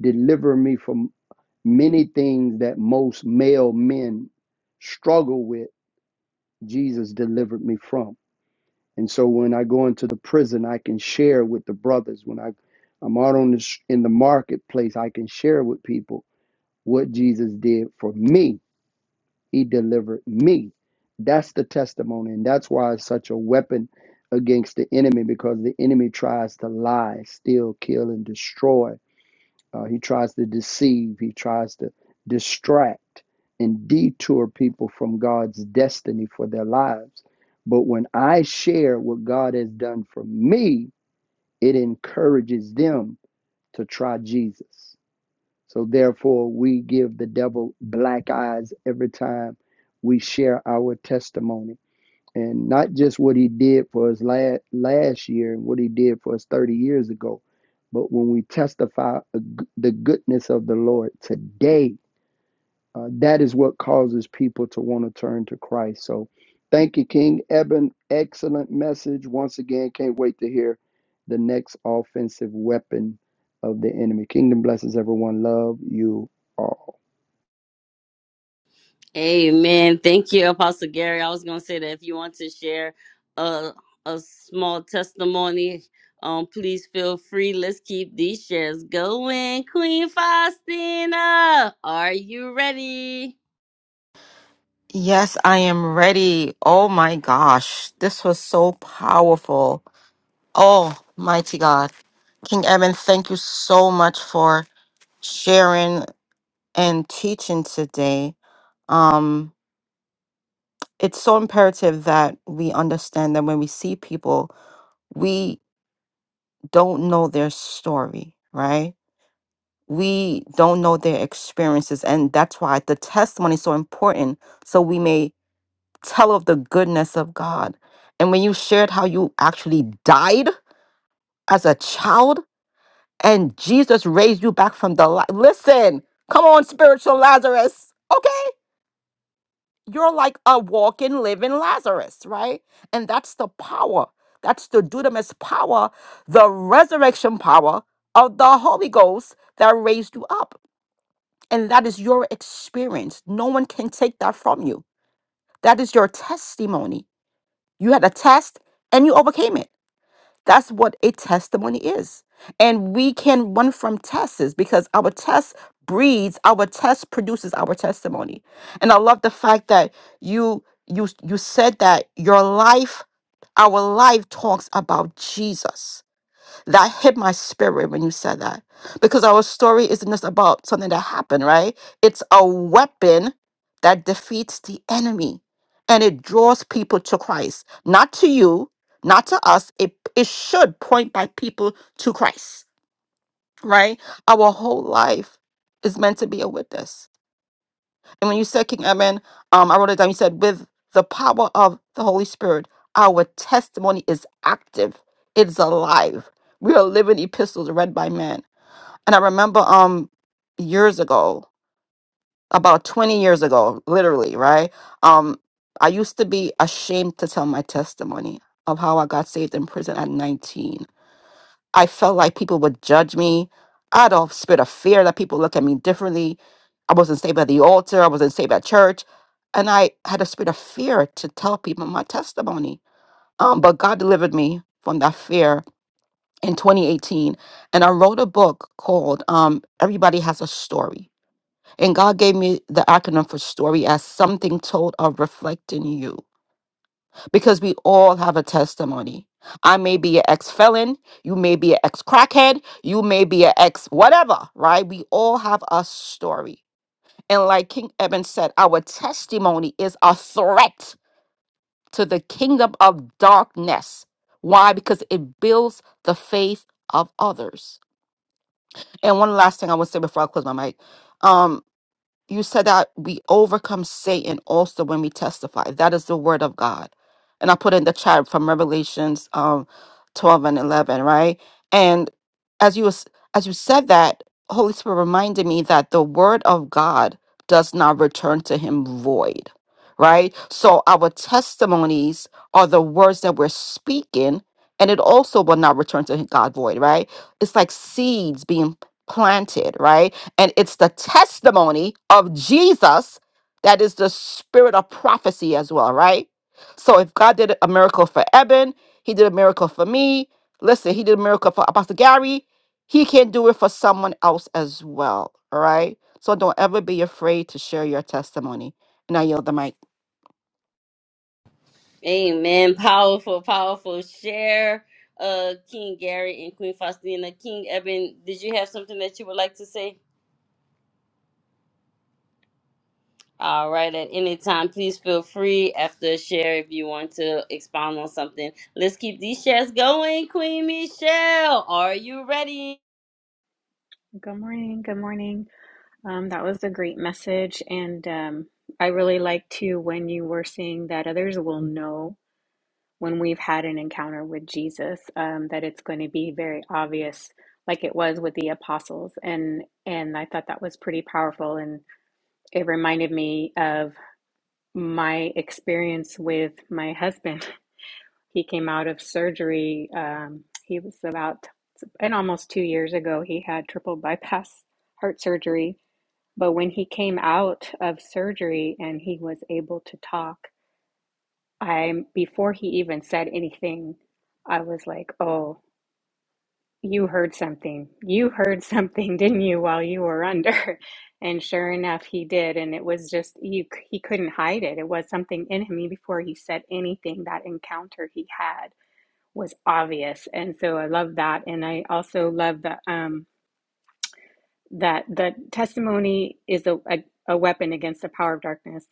Speaker 2: deliver me from many things that most male men struggle with. Jesus delivered me from. And so when I go into the prison, I can share with the brothers. When I, I'm out on the sh- in the marketplace, I can share with people what Jesus did for me. He delivered me. That's the testimony, and that's why it's such a weapon against the enemy because the enemy tries to lie, steal, kill, and destroy uh, he tries to deceive, he tries to distract and detour people from God's destiny for their lives. But when I share what God has done for me, it encourages them to try Jesus. So therefore, we give the devil black eyes every time we share our testimony and not just what he did for us last last year and what he did for us 30 years ago, but when we testify a g- the goodness of the Lord today, uh, that is what causes people to want to turn to Christ. So, thank you, King Eben. Excellent message once again. Can't wait to hear the next offensive weapon of the enemy. Kingdom blesses everyone. Love you all.
Speaker 1: Amen. Thank you, Apostle Gary. I was gonna say that if you want to share a a small testimony, um, please feel free. Let's keep these shares going. Queen Faustina, are you ready?
Speaker 3: Yes, I am ready. Oh my gosh. This was so powerful. Oh, mighty God. King Eben, thank you so much for sharing and teaching today. Um, it's so imperative that we understand that when we see people, we don't know their story, right? We don't know their experiences. And that's why the testimony is so important. So we may tell of the goodness of God. And when you shared how you actually died as a child and Jesus raised you back from the light, listen, come on, spiritual Lazarus, okay? you're like a walking, living Lazarus, right? And that's the power. That's the dunamis power, the resurrection power of the Holy Ghost that raised you up. And that is your experience. No one can take that from you. That is your testimony. You had a test and you overcame it. That's what a testimony is. And we can run from tests because our test breeds, our test produces our testimony. And I love the fact that you you you said that your life, our life talks about Jesus that hit my spirit when you said that. Because our story isn't just about something that happened, right? It's a weapon that defeats the enemy and it draws people to Christ. Not to you, not to us. It, it should point by people to Christ, right? Our whole life is meant to be a witness and when you said King Edmund, um, I wrote it down. You said, with the power of the Holy Spirit, our testimony is active, it's alive. We are living epistles read by men. And I remember um years ago, about 20 years ago, literally, right? Um, I used to be ashamed to tell my testimony of how I got saved in prison at 19 I felt like people would judge me I had a spirit of fear that people look at me differently. I wasn't saved at the altar. I wasn't saved at church. And I had a spirit of fear to tell people my testimony. Um, but God delivered me from that fear in 2018. And I wrote a book called um, Everybody Has a Story. And God gave me the acronym for story as something told or reflecting you because we all have a testimony. I may be an ex felon, you may be an ex crackhead, you may be an ex whatever, right? We all have a story. And like King Eben said, our testimony is a threat to the kingdom of darkness. Why? Because it builds the faith of others. And one last thing I want to say before I close my mic. Um, you said that we overcome Satan also when we testify. That is the word of God. And I put in the chat from Revelations um 12 and 11, right? And as you was- as you said that, Holy Spirit reminded me that the word of God does not return to him void, right? So our testimonies are the words that we're speaking and it also will not return to God void, right? It's like seeds being planted, right? And it's the testimony of Jesus that is the spirit of prophecy as well, right? So if God did a miracle for Eben, he did a miracle for me. Listen, he did a miracle for Apostle Gary. He can do it for someone else as well. All right. So don't ever be afraid to share your testimony. And I yield the mic.
Speaker 1: Amen. Powerful, powerful share, uh, King Gary and Queen Faustina. King Eben, did you have something that you would like to say? All right, at any time, please feel free after a share if you want to expound on something. Let's keep these shares going, Queen Michelle. Are you ready?
Speaker 5: Good morning. Good morning. Um, that was a great message. And um, I really like too when you were saying that others will know when we've had an encounter with Jesus, um, that it's going to be very obvious, like it was with the apostles. And and I thought that was pretty powerful. And it reminded me of my experience with my husband. He came out of surgery. Um, he was about, and almost two years ago, he had triple bypass heart surgery but when he came out of surgery and he was able to talk, I before he even said anything, I was like, "Oh, you heard something. You heard something, didn't you, while you were under?" And sure enough, he did, and it was just you, c- he couldn't hide it. It was something in him. Even Before he said anything, that encounter he had was obvious, and so I love that. And I also love that um, that the testimony is a, a a weapon against the power of darkness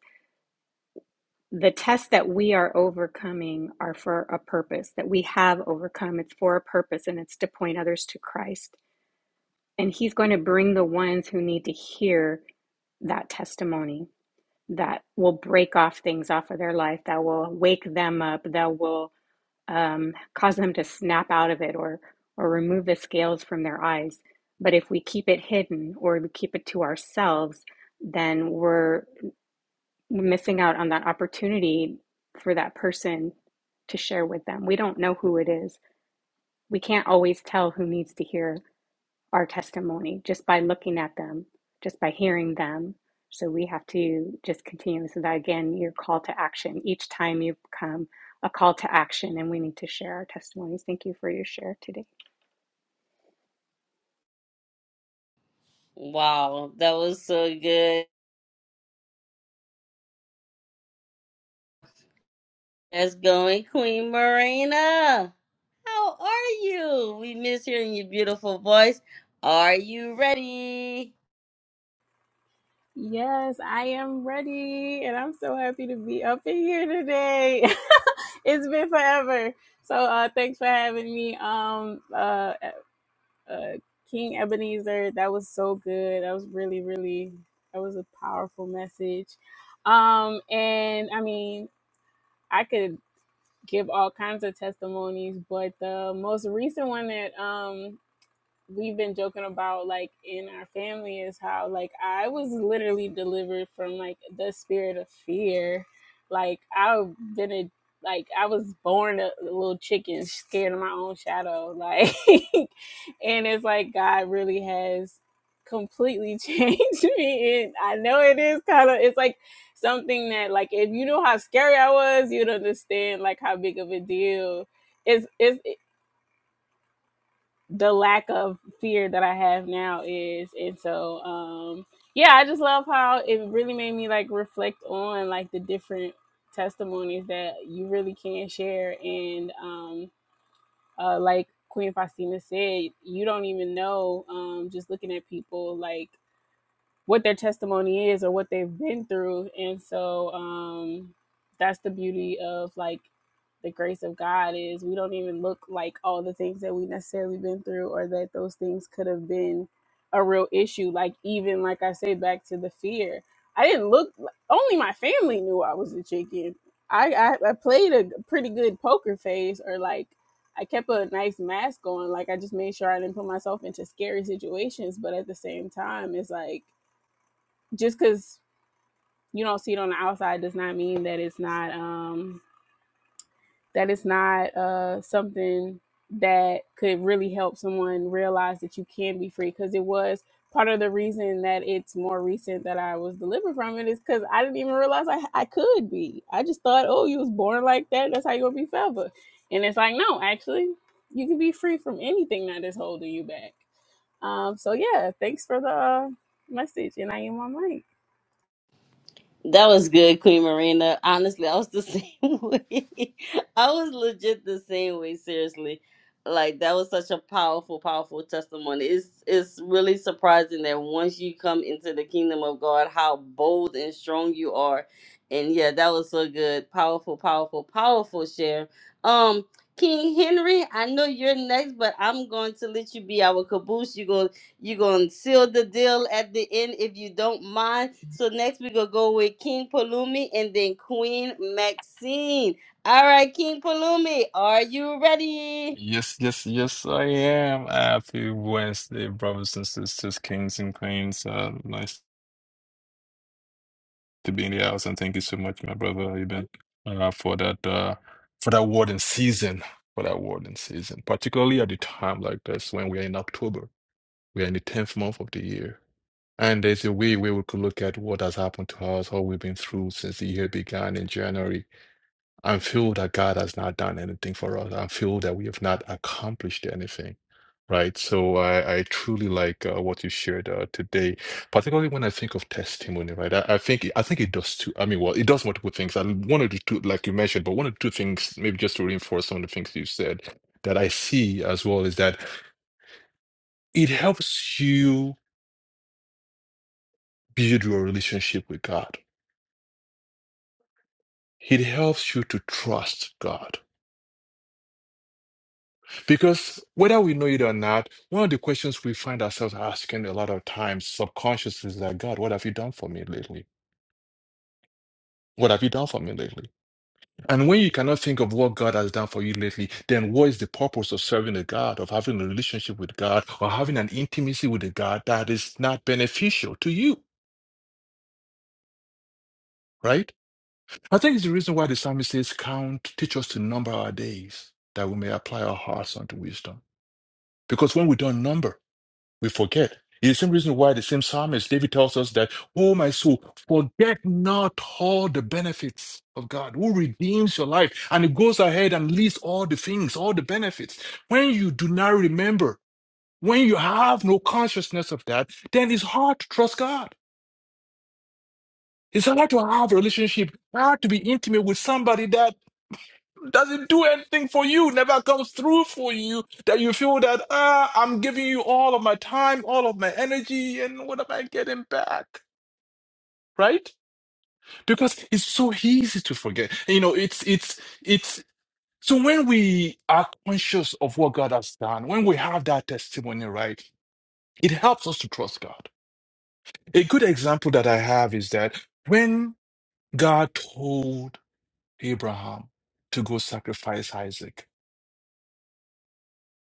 Speaker 5: the tests that we are overcoming are for a purpose that we have overcome it's for a purpose and it's to point others to christ and he's going to bring the ones who need to hear that testimony that will break off things off of their life that will wake them up that will um, cause them to snap out of it or or remove the scales from their eyes but if we keep it hidden or we keep it to ourselves then we're missing out on that opportunity for that person to share with them. We don't know who it is. We can't always tell who needs to hear our testimony just by looking at them, just by hearing them. So we have to just continue. So that again, your call to action. Each time you come, a call to action, and we need to share our testimonies. Thank you for your share today.
Speaker 1: Wow, that was so good. That's going, Queen Marina. How are you? We miss hearing your beautiful voice. Are you ready?
Speaker 6: Yes, I am ready, and I'm so happy to be up in here today. it's been forever. So, uh, thanks for having me, um, uh, uh, King Ebenezer. That was so good. That was really, really. That was a powerful message. Um, and I mean, I could give all kinds of testimonies, but the most recent one that um we've been joking about like in our family is how like I was literally delivered from like the spirit of fear. Like I've been a like I was born a little chicken, scared of my own shadow. Like, and it's like God really has completely changed me. And I know it is kind of it's like something that like if you know how scary I was, you'd understand like how big of a deal it's it's the lack of fear that I have now is. And so, um, yeah, I just love how it really made me like reflect on like the different testimonies that you really can share. And um, uh, like Queen Faustina said, you don't even know um, just looking at people like what their testimony is or what they've been through and so um that's the beauty of like the grace of god is we don't even look like all the things that we necessarily been through or that those things could have been a real issue like even like i say back to the fear i didn't look only my family knew i was a chicken i i, I played a pretty good poker face or like I kept a nice mask on. Like I just made sure I didn't put myself into scary situations. But at the same time, it's like just because you don't see it on the outside does not mean that it's not um that it's not uh something that could really help someone realize that you can be free because it was part of the reason that it's more recent that I was delivered from it is because I didn't even realize I, I could be. I just thought, oh, you was born like that. That's how you're gonna be forever. And it's like, no, actually, you can be free from anything that is holding you back. Um, so yeah, thanks for the uh, message, and I am on mic.
Speaker 1: That was good, Queen Marina. Honestly, I was the same way. I was legit the same way, seriously. Like that was such a powerful, powerful testimony. It's it's really surprising that once you come into the kingdom of God, how bold and strong you are. And yeah, that was so good. Powerful, powerful, powerful share. Um, King Henry, I know you're next, but I'm going to let you be our caboose. You go you're going to seal the deal at the end if you don't mind. So next we're going to go with King Palumi and then Queen Maxine. All right, King Palumi, are you ready?
Speaker 7: Yes, yes, yes, I am. Happy Wednesday, brothers and sisters, kings and queens. Uh, nice to be in the house, and thank you so much, my brother. how you been uh, for that uh, for that warden season, for that warden season, particularly at a time like this when we are in October, we are in the tenth month of the year, and there's a way where we could look at what has happened to us, how we've been through since the year began in January I'm feel that God has not done anything for us. I feel that we have not accomplished anything, right? So I, I truly like uh, what you shared uh, today, particularly when I think of testimony, right? I, I think I think it does two. I mean, well, it does multiple things. I one of the two, like you mentioned, but one of the two things, maybe just to reinforce some of the things you said, that I see as well is that it helps you build your relationship with God. It helps you to trust God Because whether we know it or not, one of the questions we find ourselves asking a lot of times subconsciously is that God, what have you done for me lately? What have you done for me lately? And when you cannot think of what God has done for you lately, then what is the purpose of serving a God, of having a relationship with God, or having an intimacy with a God that is not beneficial to you, right? I think it's the reason why the psalmist says, Count, teach us to number our days, that we may apply our hearts unto wisdom. Because when we don't number, We forget. It's the same reason why the same psalmist David tells us that, Oh, my soul, forget not all the benefits of God who redeems your life. And it goes ahead and lists all the things, all the benefits. When you do not remember, when you have no consciousness of that, then it's hard to trust God. It's hard to have a relationship, hard to be intimate with somebody that doesn't do anything for you, never comes through for you, that you feel that, ah, I'm giving you all of my time, all of my energy, and what am I getting back? Right? Because it's so easy to forget. You know, it's, it's, it's, so when we are conscious of what God has done, when we have that testimony, right, it helps us to trust God. A good example that I have is that when God told Abraham to go sacrifice Isaac,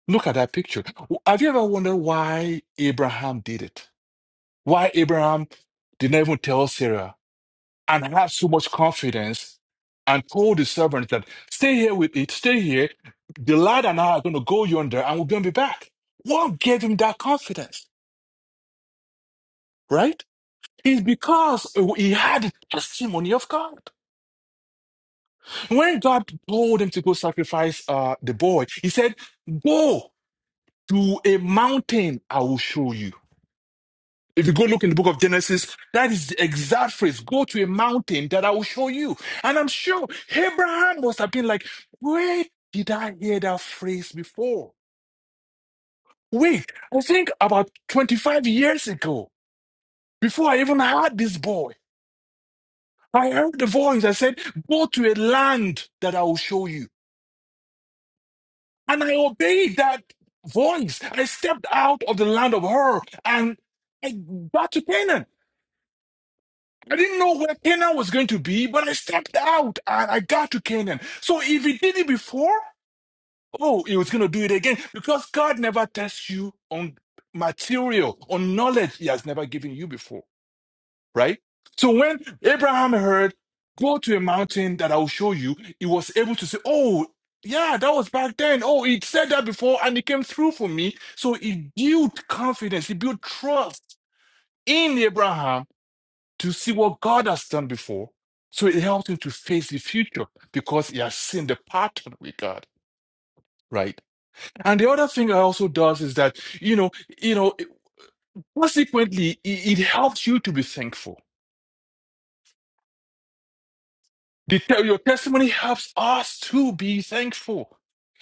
Speaker 7: Look at that picture. W- Have you ever wondered why Abraham did it? Why Abraham did not even tell Sarah and had so much confidence and told the servants that, stay here with it, stay here. The lad and I are going to go yonder and we're going to be back. What gave him that confidence, right? It's because he had the testimony of God. When God told him to go sacrifice uh, the boy, he said, go to a mountain, I will show you. If you go look in the book of Genesis, that is the exact phrase go to a mountain that I will show you. And I'm sure Abraham must have been like, where did I hear that phrase before? Wait, I think about 25 years ago, before I even had this boy, I heard the voice that said, go to a land that I will show you. And I obeyed that voice. I stepped out of the land of Hor and I got to Canaan. I didn't know where Canaan was going to be, but I stepped out and I got to Canaan. So if he did it before, oh, he was going to do it again because God never tests you on material, on knowledge he has never given you before, right? So when Abraham heard, go to a mountain that I will show you, he was able to say, oh, yeah, that was back then. Oh, he said that before and it came through for me. So he built confidence, he built trust in Abraham to see what God has done before. So it helps him to face the future because he has seen the pattern with God, right? And the other thing it also does is that, you know, you know, consequently, it, it helps you to be thankful. The, te- your testimony helps us to be thankful.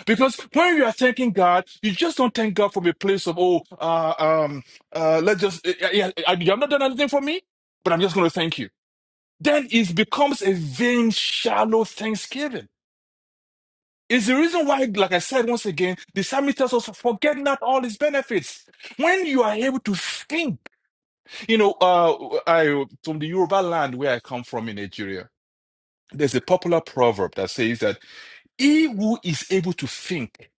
Speaker 7: Because when you are thanking God, you just don't thank God from a place of, oh, uh, um, uh, let's just, uh, yeah, uh, you have not done anything for me, but I'm just going to thank you. Then it becomes a vain, shallow thanksgiving It's the reason why, like I said once again, the psalmist tells us, forget not all his benefits. When you are able to think, you know, uh, I, from the Yoruba land where I come from in Nigeria, there's a popular proverb that says that he who is able to think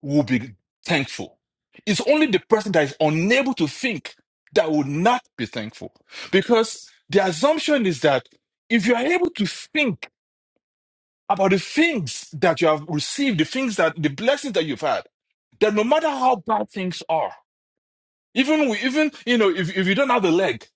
Speaker 7: will be thankful. It's only the person that is unable to think that will not be thankful. Because the assumption is that if you are able to think, about the things that you have received, the things that the blessings that you've had. That no matter how bad things are, even we, even you know, if, if you don't have a leg,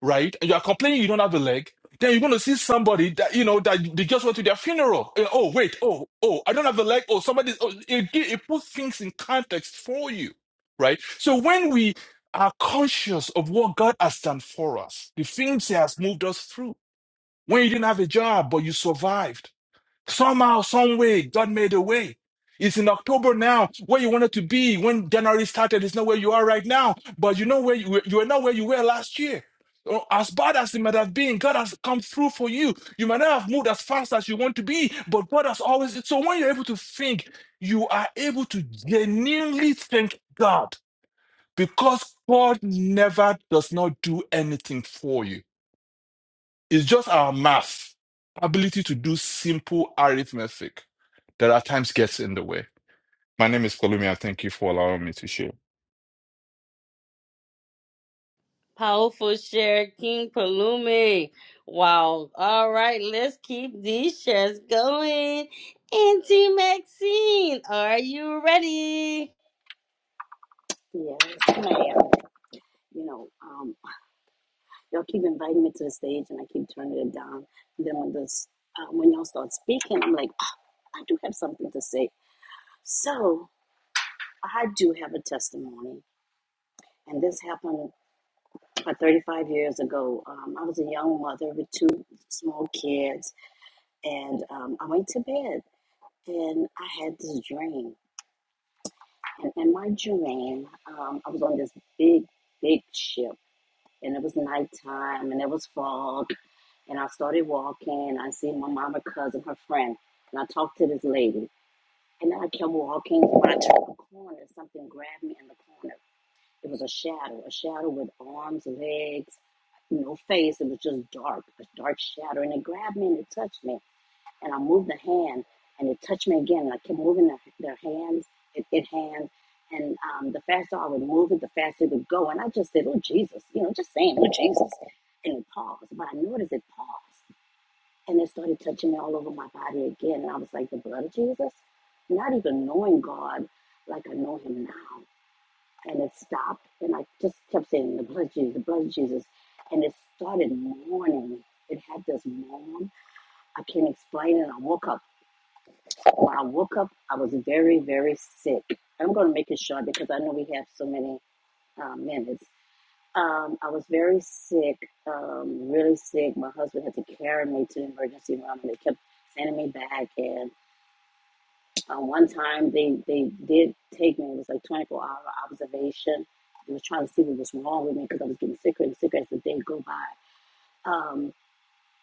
Speaker 7: right, and you are complaining you don't have a leg, then you're gonna see somebody that you know that they just went to their funeral. Eh, Oh wait, oh oh, I don't have a leg. Oh somebody, oh, it, gi- it puts things in context for you, right? So when we are conscious of what God has done for us, the things He has moved us through. When you didn't have a job but you survived Somehow, some way, God made a way. It's in October now, where you wanted to be when January started. It's not where you are right now, but you know where you, you are not where you were last year. Oh, As bad as it might have been, God has come through for you. You might not have moved as fast as you want to be, but God has always. So when you're able to think, you are able to genuinely thank God because God never does not do anything for you. It's just our math, ability to do simple arithmetic that at times gets in the way. My name is Kolumia. Thank you for allowing me to share.
Speaker 1: Powerful share, King Palumi. Wow. All right, let's keep these shares going. Auntie Maxine, are you ready?
Speaker 8: Yes, ma'am. You know, um, y'all keep inviting me to the stage, and I keep turning it down. And then when this, uh, when y'all start speaking, I'm like, "Ah, I do have something to say. So I do have a testimony, and this happened about 35 years ago. Um, I was a young mother with two small kids, and um, I went to bed, and I had this dream, and in my dream, um, I was on this big, big ship, and it was nighttime, and it was fog And I started walking. I seen my mama, cousin, her friend, and I talked to this lady. And then I kept walking. When I turned the corner, something grabbed me in the corner. It was a shadow, a shadow with arms, legs, no face. It was just dark, a dark shadow. And it grabbed me and it touched me. And I moved the hand and it touched me again. And I kept moving the, their hands, it, it hands. And um, the faster I would move it, the faster it would go. And I just said, Oh, Jesus, you know, just saying, Oh, Jesus. And it paused. But I noticed it paused and it started touching me all over my body again. And I was like, the blood of Jesus? Not even knowing God like I know him now. And it stopped, and I just kept saying, the blood of Jesus, the blood of Jesus. And it started mourning. It had this mourn. I can't explain it. I woke up. When I woke up, I was very, very sick. I'm going to make it short because I know we have so many uh, minutes. Um, I was very sick, um, really sick. My husband had to carry me to the emergency room, and they kept sending me back. And um, one time, they they did take me. It was like 24 hour observation. They was trying to see what was wrong with me because I was getting sicker and sicker as the day go by. Um,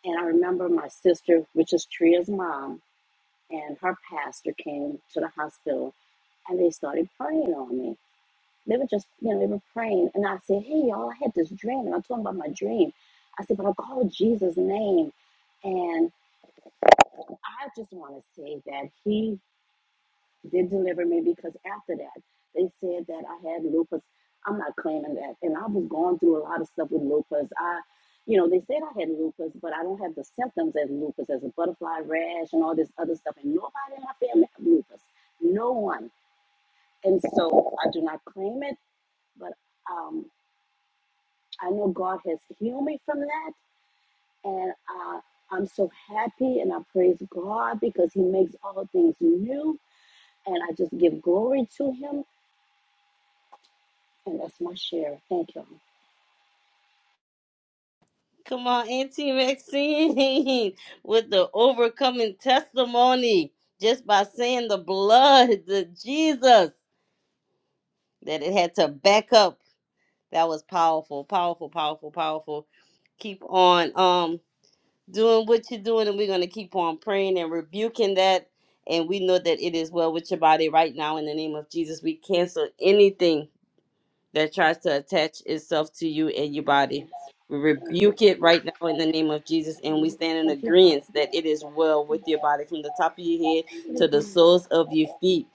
Speaker 8: and I remember my sister, which is Tria's mom, and her pastor came to the hospital, and they started praying on me. They were just, you know, they were praying. And I said, Hey, y'all, I had this dream. And I told them about my dream. I said, But I called Jesus' name. And I just want to say that he did deliver me because after that, they said that I had lupus. I'm not claiming that. And I was going through a lot of stuff with lupus. I, you know, they said I had lupus, but I don't have the symptoms as lupus, as a butterfly rash and all this other stuff. And nobody in my family had lupus. No one. And so I do not claim it, but. um. I know God has healed me from that, and uh, I'm so happy and I praise God because He makes all things new, and I just give glory to Him, and that's my share. Thank you.
Speaker 1: Come on, Auntie Maxine, with the overcoming testimony just by saying the blood, the Jesus, that it had to back up. That was powerful, powerful, powerful, powerful. Keep on um doing what you're doing, and we're gonna keep on praying and rebuking that. And we know that it is well with your body right now in the name of Jesus. We cancel anything that tries to attach itself to you and your body.
Speaker 8: Yes.
Speaker 1: We
Speaker 8: Thank
Speaker 1: rebuke it right now in the name of Jesus, and we stand in
Speaker 8: you.
Speaker 1: agreement that it is well with your body from the top of your head to
Speaker 8: Lord. Give you glory. Yes.
Speaker 1: the soles of your feet.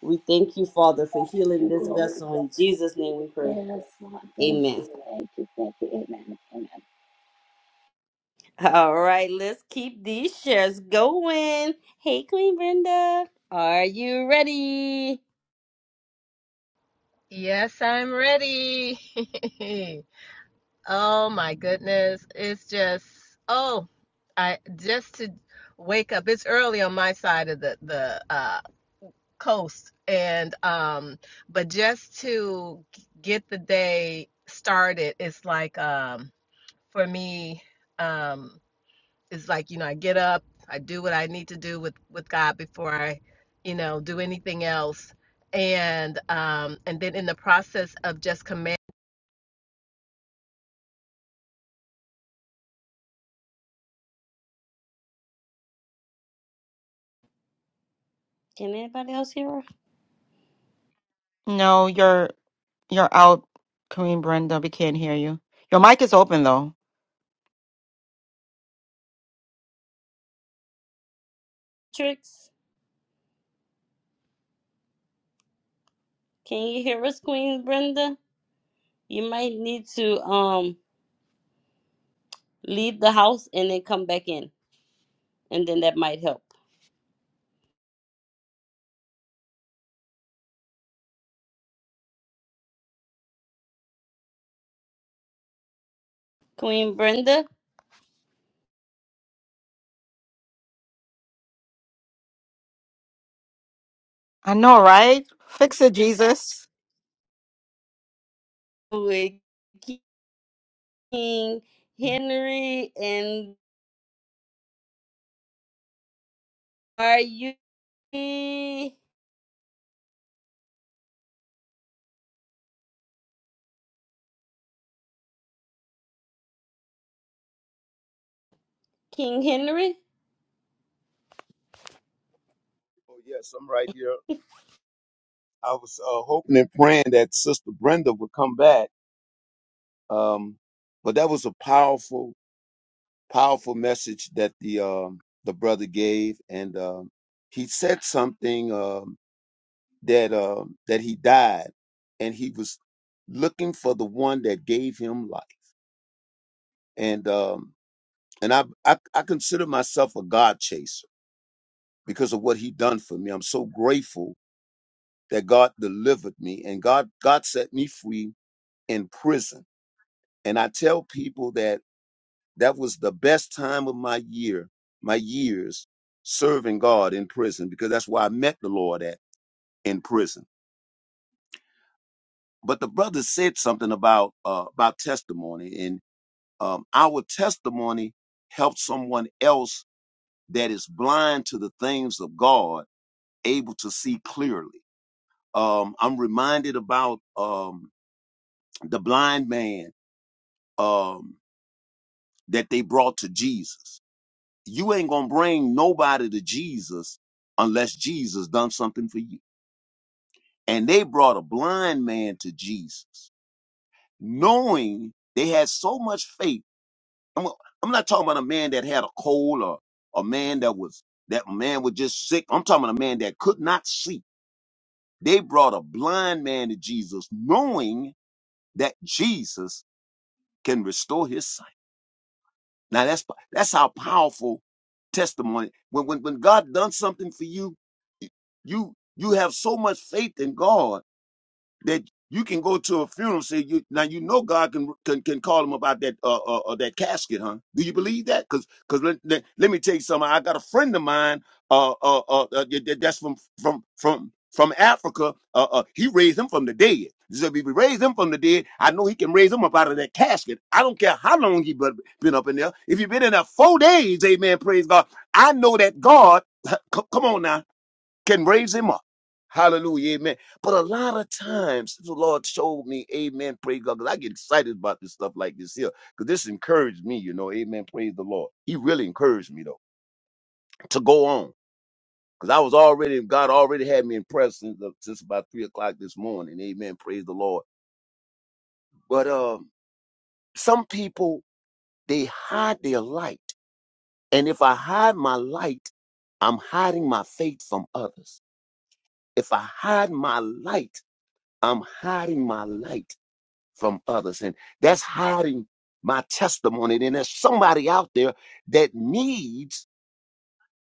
Speaker 1: We thank you, Father, for
Speaker 8: Give
Speaker 1: healing
Speaker 8: you
Speaker 1: this
Speaker 8: glory.
Speaker 1: vessel. In Jesus' name we pray.
Speaker 8: Yes, Lord. Thank
Speaker 1: Amen.
Speaker 8: you. Thank you. Thank you. Amen. Amen.
Speaker 1: All right, let's keep these shares going. Hey, Queen Brenda, are you ready?
Speaker 9: Yes, I'm ready. Oh my goodness. It's just, oh, I just to wake up. It's early on my side of the the uh coast and um but just to g- get the day started, it's like um for me um it's like, you know, I get up, I do what I need to do with with God before I, you know, do anything else. And um and then in the process of just commanding
Speaker 1: Can anybody else hear her?
Speaker 3: No, you're you're out, Kareem Brenda. We can't hear you. Your mic is open though.
Speaker 1: Tricks, can you hear us, Queen Brenda? You might need to um leave the house and then come back in, and then that might help. Queen Brenda
Speaker 3: I know, right? Fix it, Jesus.
Speaker 1: with King Henry and are you King Henry?
Speaker 10: Oh yes, I'm right here. I was uh, hoping and praying that Sister Brenda would come back, um, but that was a powerful, powerful message that the um the brother gave, and um, he said something um, that um that he died, and he was looking for the one that gave him life, and um, and I, I I consider myself a God chaser because of what he done for me. I'm so grateful that God delivered me, and God God set me free in prison And I tell people that that was the best time of my year, my years serving God in prison, because that's where I met the Lord at in prison. But the brother said something about uh, about testimony, and um, our testimony helps someone else that is blind to the things of God able to see clearly. Um, I'm reminded about um, the blind man um, that they brought to Jesus you ain't gonna bring nobody to Jesus unless Jesus done something for you. And they brought a blind man to Jesus, knowing they had so much faith. I'm, I'm not talking about a man that had a cold or a man that was that man was just sick. I'm talking about a man that could not see. They brought a blind man to Jesus, knowing that Jesus can restore his Now that's that's how powerful testimony. When when when God done something for you, you you have so much faith in God that you can go to a funeral. Say you now you know God can can, can call him about that uh, uh, uh that casket, huh? Do you believe that? Because because let, let, let me tell you something. I got a friend of mine uh uh, uh, uh that- that- that's from from from from Africa. Uh, uh he raised him from the dead. So if he raised him from the dead, I know he can raise him up out of that casket. I don't care how long he been been up in there. If you've been in there four days, amen, praise God. I know that God, come on now, can raise him up. Hallelujah, amen. But a lot of times, the Lord showed me, amen, praise God, 'cause I get excited about this stuff like this here, because this encouraged me, you know, amen, praise the Lord. He really encouraged me, though, to go on, because I was already, God already had me impressed since, uh, since about 3 o'clock this morning, amen, praise the Lord. But um, some people, they hide their light, and if I hide my light, I'm hiding my faith from others. If I hide my light, I'm hiding my light. from others. And that's hiding my testimony. And there's somebody out there that needs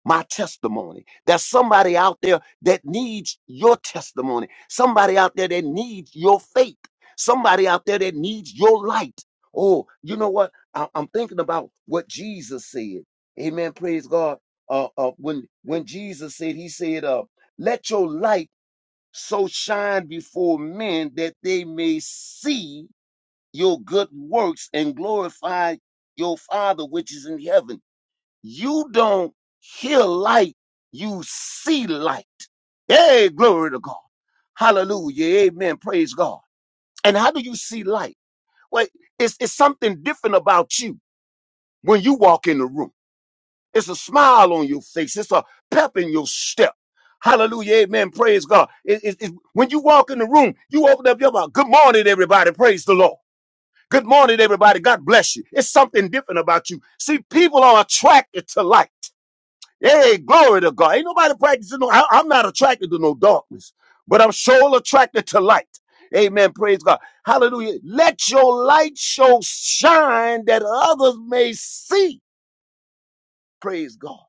Speaker 10: my testimony. There's somebody out there that needs your testimony. Somebody out there that needs your faith. Somebody out there that needs your light. Oh, you know what? I- I'm thinking about what Jesus said. Amen. Praise God. Uh, uh, when when Jesus said, He said, uh, "Let your light so shine before men that they may see your good works and glorify your Father which is in heaven. You don't hear light, you see light. Hey, glory to God. Hallelujah. Amen. Praise God. And how do you see light? Well, it's, it's something different about you when you walk in the room. It's a smile on your face, it's a pep in your step. Hallelujah. Amen. Praise God. It- it- it- when you walk in the room, you open up your mouth. Good morning, everybody. Praise the Lord. Good morning, everybody. God bless you. It's something different about you. See, people are attracted to light. Hey, glory to God. Ain't nobody practicing. No, I, am not attracted to no darkness, but I'm sure attracted to light. Amen. Praise God. Hallelujah. Let your light show shine that others may see. Praise God.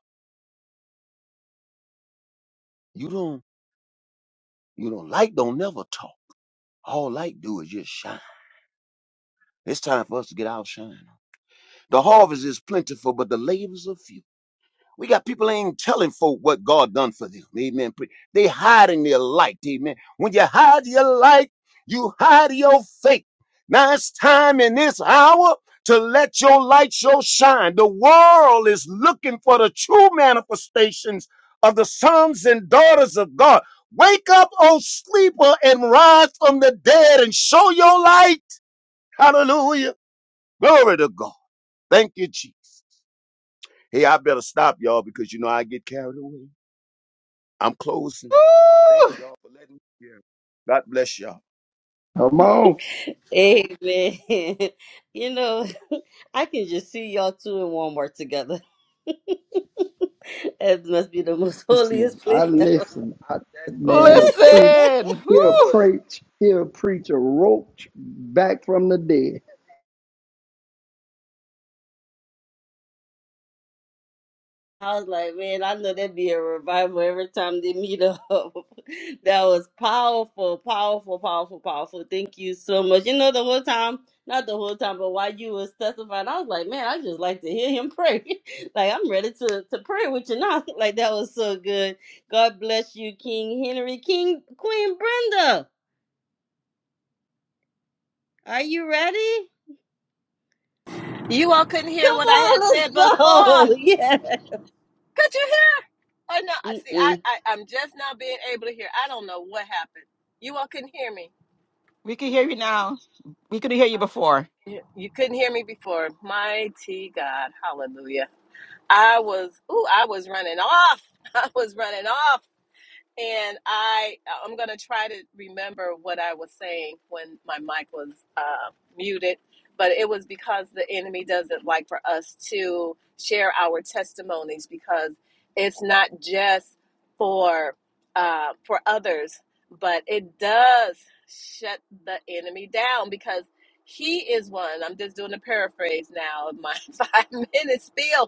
Speaker 10: You don't, you don't, light don't never talk. All light do is just shine. It's time for us to get our shine. on. The harvest is plentiful, but the labors are few. We got people ain't telling folk what God done for them. Amen. They hiding their light. Amen. When you hide your light, you hide your faith. Now it's time in this hour to let your light show shine. The world is looking for the true manifestations of the sons and daughters of God. Wake up, O sleeper, and rise from the dead and show your light. Hallelujah. Glory to God. Thank you, Jesus. Hey, I better stop, y'all, because you know I get carried away. I'm closing. Thank
Speaker 3: Woo!
Speaker 10: y'all for letting me share. God bless y'all.
Speaker 2: Come on.
Speaker 1: Amen. you know, I can just see y'all two in Walmart together. It must be the most holiest
Speaker 2: listening. I
Speaker 1: place ever.
Speaker 2: listen. I, that man will preach.
Speaker 3: Listen.
Speaker 2: He'll
Speaker 3: Woo!
Speaker 2: preach. He'll preach a roach back from the dead.
Speaker 1: I was like, man, I know there'd be a revival every time they meet up. that was powerful, powerful, powerful, powerful. Thank you so much. You know, the whole time, not the whole time, but while you was testifying, I was like, man, I just like to hear him pray. like, I'm ready to, to pray with you now. like, that was so good. God bless you, King Henry, King Queen Brenda. Are you ready?
Speaker 9: You all couldn't hear
Speaker 1: Come
Speaker 9: what I had
Speaker 1: on,
Speaker 9: said
Speaker 1: let's
Speaker 9: before.
Speaker 1: go.
Speaker 9: Could you hear? Oh no, see,
Speaker 1: Yeah.
Speaker 9: I, I I'm just now being able to hear. I don't know what happened. You all couldn't hear me.
Speaker 3: We can hear you now. We could hear you
Speaker 9: Oh,
Speaker 3: before.
Speaker 9: You you couldn't hear me before. Mighty God, Hallelujah! I was, ooh, I was running off. I was running off. and I I'm gonna try to remember what I was saying when my mic was uh, muted, but it was because the enemy doesn't like for us to share our testimonies because it's not just for uh, for others, but it does shut the enemy down because he is one. I'm just doing a paraphrase now of my five minute spiel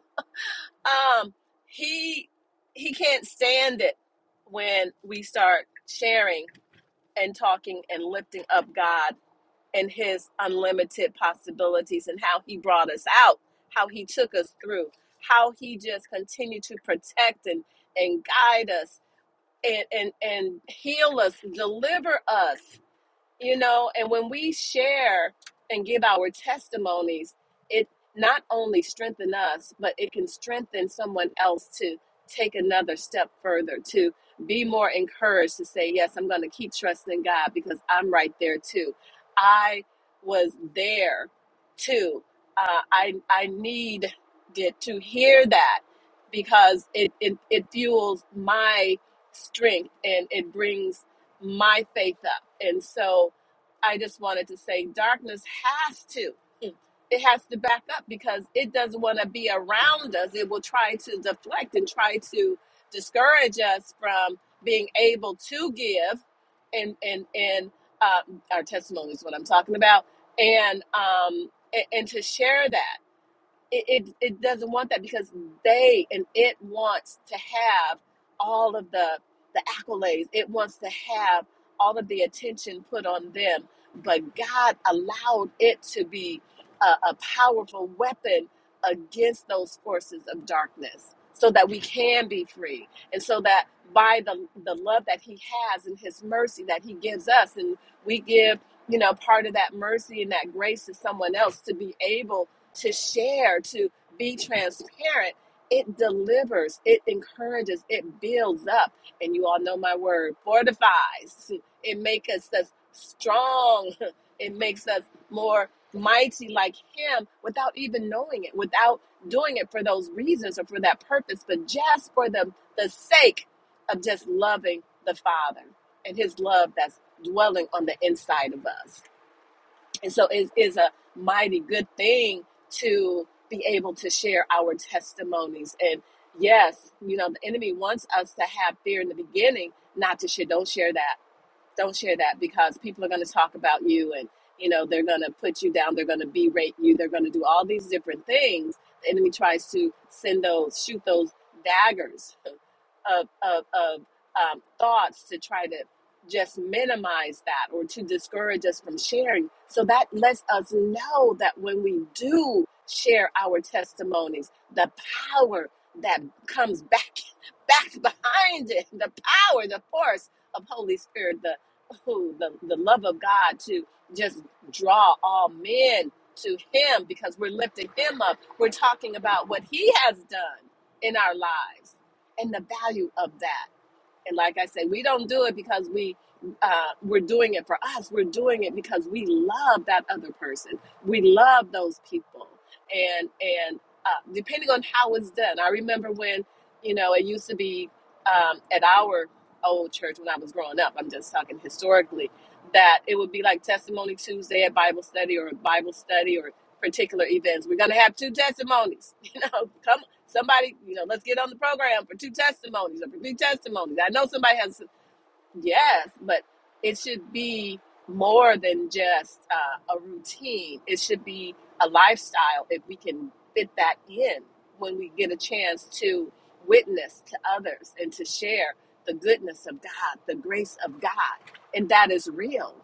Speaker 9: um, he he can't stand it when we start sharing and talking and lifting up God and his unlimited possibilities and how he brought us out, how he took us through, how he just continued to protect and and guide us and and and heal us, deliver us you know and when we share and give our testimonies it not only strengthens us but it can strengthen someone else to take another step further to be more encouraged to say yes i'm going to keep trusting god because i'm right there too i was there too uh, i i needed to hear that because it it, it fuels my strength and it brings my faith up. And so I just wanted to say darkness has to. It has to back up because it doesn't want to be around us. It will try to deflect and try to discourage us from being able to give and and and uh, our testimony is what I'm talking about and um and, and to share that it, it, it doesn't want that because they and it wants to have all of the the accolades it wants to have all of the attention put on them but god allowed it to be a, a powerful weapon against those forces of darkness so that we can be free and so that by the the love that he has and his mercy that he gives us and we give you know part of that mercy and that grace to someone else to be able to share, to be transparent, it delivers, it encourages, it builds up. And you all know my word fortifies. It makes us us strong, it makes us more mighty like Him without even knowing it, without doing it for those reasons or for that purpose, but just for the, the sake of just loving the Father and His love that's dwelling on the inside of us. And so it is a mighty good thing to be able to share our testimonies. And yes, you know, the enemy wants us to have fear in the beginning, not to share. Don't share that. Don't share that because people are going to talk about you and, you know, they're going to put you down. They're going to berate you. They're going to do all these different things. The enemy tries to send those, shoot those daggers of of, of um, thoughts to try to just minimize that or to discourage us from sharing. So that lets us know that when we do share our testimonies, the power that comes back back behind it, the power, the force of Holy Spirit, the ooh, the, the love of God to just draw all men to him because we're lifting him up. We're talking about what he has done in our lives and the value of that. And like I said, we don't do it because we uh, we're doing it for us. We're doing it because we love that other person. We love those people. And and uh, depending on how it's done, I remember when you know it used to be um, at our old church when I was growing up. I'm just talking historically that it would be like Testimony Tuesday at Bible study or Bible study or particular events. We're gonna have two testimonies. You know, come Somebody, you know, let's get on the program for two testimonies or for three testimonies. I know somebody has a Yes, but it should be more than just uh, a routine. It should be a lifestyle if we can fit that in when we get a chance to witness to others and to share the goodness of God, the grace of God. And that is real.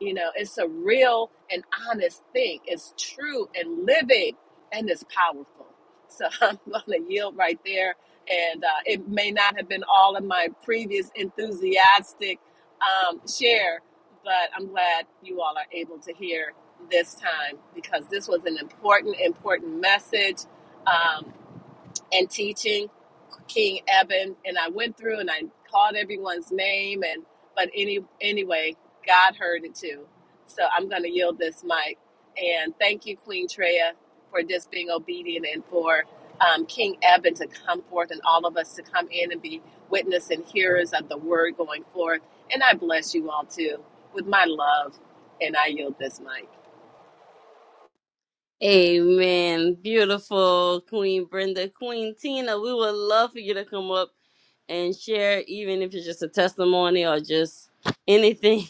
Speaker 9: You know, it's a real and honest thing. It's true and living and it's powerful. So I'm going to yield right there and uh, it may not have been all of my previous enthusiastic um, share, but I'm glad you all are able to hear this time because this was an important, important message. Um, and teaching King Eben, and I went through and I called everyone's name, and but any anyway, God heard it too. So I'm going to yield this mic, and thank you, Queen Treya, for just being obedient and for um, King Eben to come forth and all of us to come in and be witness and hearers of the word going forth. And I bless you all too with my love, and I yield this mic.
Speaker 1: Amen. Beautiful Queen Brenda. Queen Tina, we would love for you to come up and share, even if it's just a testimony or just anything.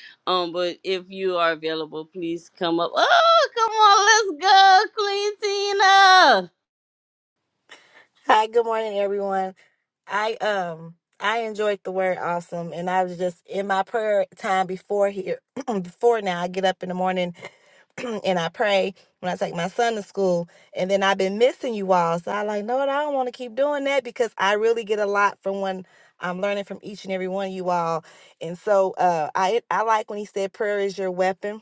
Speaker 1: um, but if you are available, please come up. Oh, come on, let's go, Queen Tina.
Speaker 11: Hi, good morning, everyone. I um I enjoyed the word awesome, and I was just in my prayer time before here. before now, I get up in the morning and I pray when I take my son to school, and then I've been missing you all. So I like, no, I don't want to keep doing that because I really get a lot from when I'm learning from each and every one of you all. And so uh, I I like when he said prayer is your weapon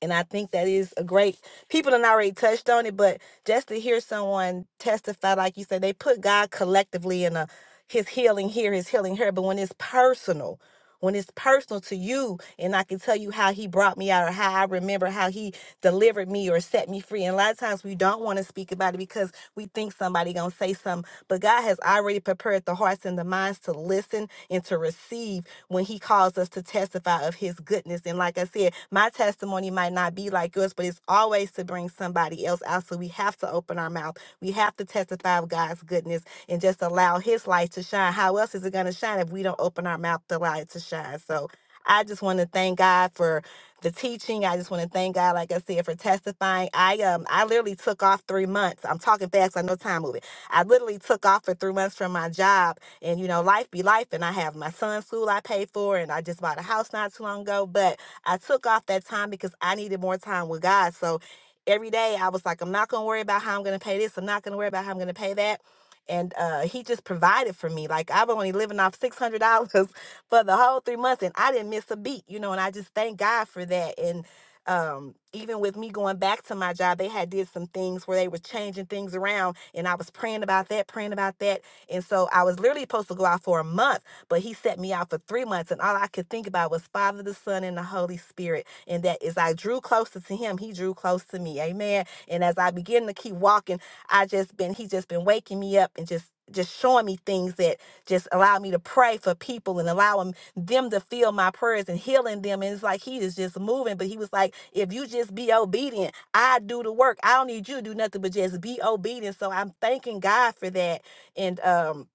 Speaker 11: and I think that is a great people have already touched on it, but just to hear someone testify, like you said, they put God collectively in a his healing here, his healing here. But when it's personal, when it's personal to you, and I can tell you how he brought me out or how I remember how he delivered me or set me free. And a lot of times we don't want to speak about it because we think somebody gonna say something, but God has already prepared the hearts and the minds to listen and to receive when he calls us to testify of his goodness. And like I said, my testimony might not be like yours, but it's always to bring somebody else out. So we have to open our mouth. We have to testify of God's goodness and just allow his light to shine. How else is it going to shine if we don't open our mouth to allow it to shine? So I just want to thank God for the teaching. I just want to thank God, like I said, for testifying. I um I literally took off three months. I'm talking fast, I know time moving. I literally took off for three months from my job and you know, life be life. And I have my son's school I paid for, and I just bought a house not too long ago. But I took off that time because I needed more time with God. So every day I was like, I'm not gonna worry about how I'm gonna pay this. I'm not gonna worry about how I'm gonna pay that. And uh, he just provided for me. Like I've only living off six hundred dollars for the whole three months, and I didn't miss a beat, you know. And I just thank God for that. And um, even with me going back to my job, they had did some things where they were changing things around, and I was praying about that, praying about that and so I was literally supposed to go out for a month, but he set me out for three months. And all I could think about was Father, the Son, and the Holy Spirit. And that as I drew closer to him, he drew close to me. Amen. And as I begin to keep walking, I just been, he just been waking me up and just just showing me things that just allow me to pray for people and allowing them to feel my prayers and healing them. And it's like he is just moving. But he was like, if you just be obedient, I do the work. I don't need you to do nothing but just be obedient. So I'm thanking God for that and um,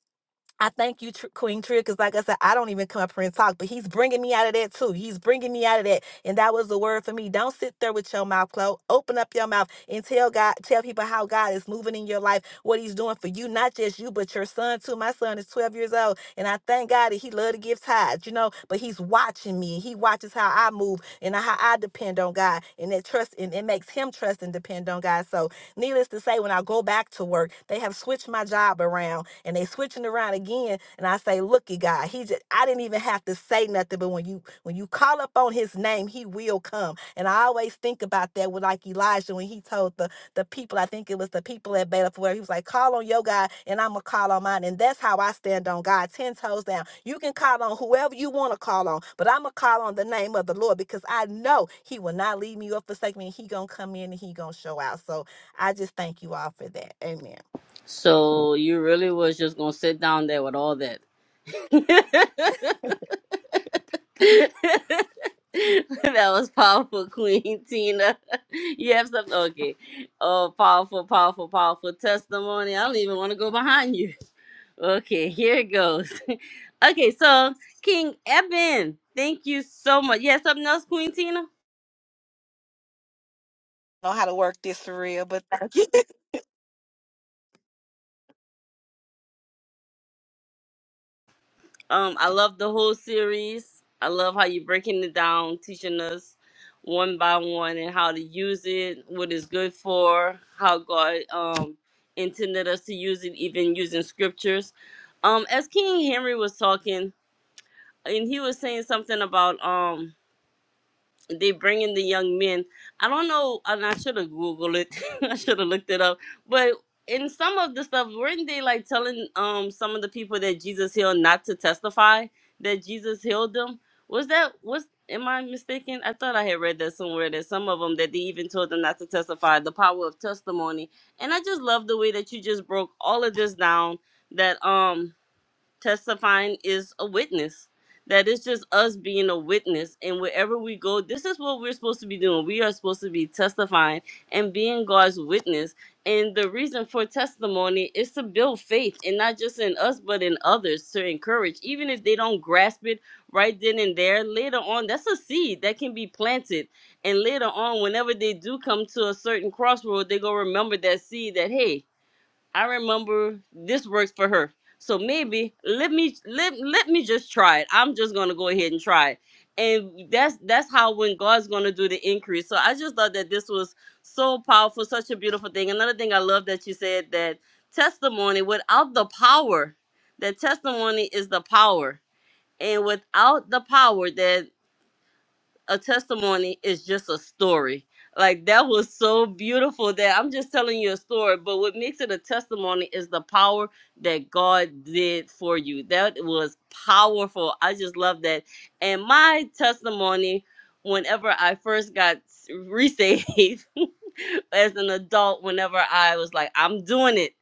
Speaker 11: I thank you, Tr- Queen Tria, because like I said, I don't even come up here and talk, but he's bringing me out of that too. He's bringing me out of that. And that was the word for me. Don't sit there with your mouth closed. Open up your mouth and tell God, tell people how God is moving in your life, what he's doing for you, not just you, but your son too. My son is 12 years old, and I thank God that he love to give tithes, you know, but he's watching me. He watches how I move and how I depend on God, and that trust, and it makes him trust and depend on God. So Needless to say, when I go back to work, they have switched my job around and they switching around again. And I say, looky God, he just I didn't even have to say nothing, but when you when you call up on his name, he will come. And I always think about that with like Elijah when he told the the people, I think it was the people at Beta where he was like, call on your God and I'm gonna call on mine. And that's how I stand on God, ten toes down. You can call on whoever you want to call on, but I'm gonna call on the name of the Lord because I know he will not leave me or forsake me. He gonna come in and he gonna show out. So I just thank you all for that. Amen.
Speaker 1: So you really was just gonna sit down there with all that. that was powerful, Queen Tina. You have something? Okay. Oh, powerful, powerful, powerful testimony. I don't even want to go behind you. Okay, here it goes. okay, so King Eben, thank you so much. You have something else, Queen Tina?
Speaker 11: Know how to work this for real, but thank you.
Speaker 1: Um, I love the whole series. I love how you're breaking it down, teaching us one by one and how to use it, what it's good for, how God um intended us to use it, even using scriptures. Um, as King Henry was talking, and he was saying something about um they bring in the young men. I don't know, and I should have googled it. I should have looked it up. But in some of the stuff, weren't they like telling um some of the people that Jesus healed not to testify that Jesus healed them? Was that was am I mistaken? I thought I had read that somewhere that some of them that they even told them not to testify the power of testimony. And I just love the way that you just broke all of this down. That um testifying is a witness. That is just us being a witness. And wherever we go, this is what we're supposed to be doing. We are supposed to be testifying and being God's witness. And the reason for testimony is to build faith, and not just in us, but in others to encourage. Even if they don't grasp it right then and there, later on, that's a seed that can be planted. And later on, whenever they do come to a certain crossroad, they go remember that seed that, hey, I remember this works for her. So maybe let me let, let me just try it. I'm just gonna go ahead and try it. And that's that's how when God's gonna do the increase. So I just thought that this was so powerful, such a beautiful thing. Another thing I love that you said that testimony without the power, that testimony is the power. And without the power, that a testimony is just a story. Like that was so beautiful that I'm just telling you a story. But what makes it a testimony is the power that God did for you. That was powerful. I just love that. And my testimony, whenever I first got s- resaved as an adult, whenever I was like, I'm doing it.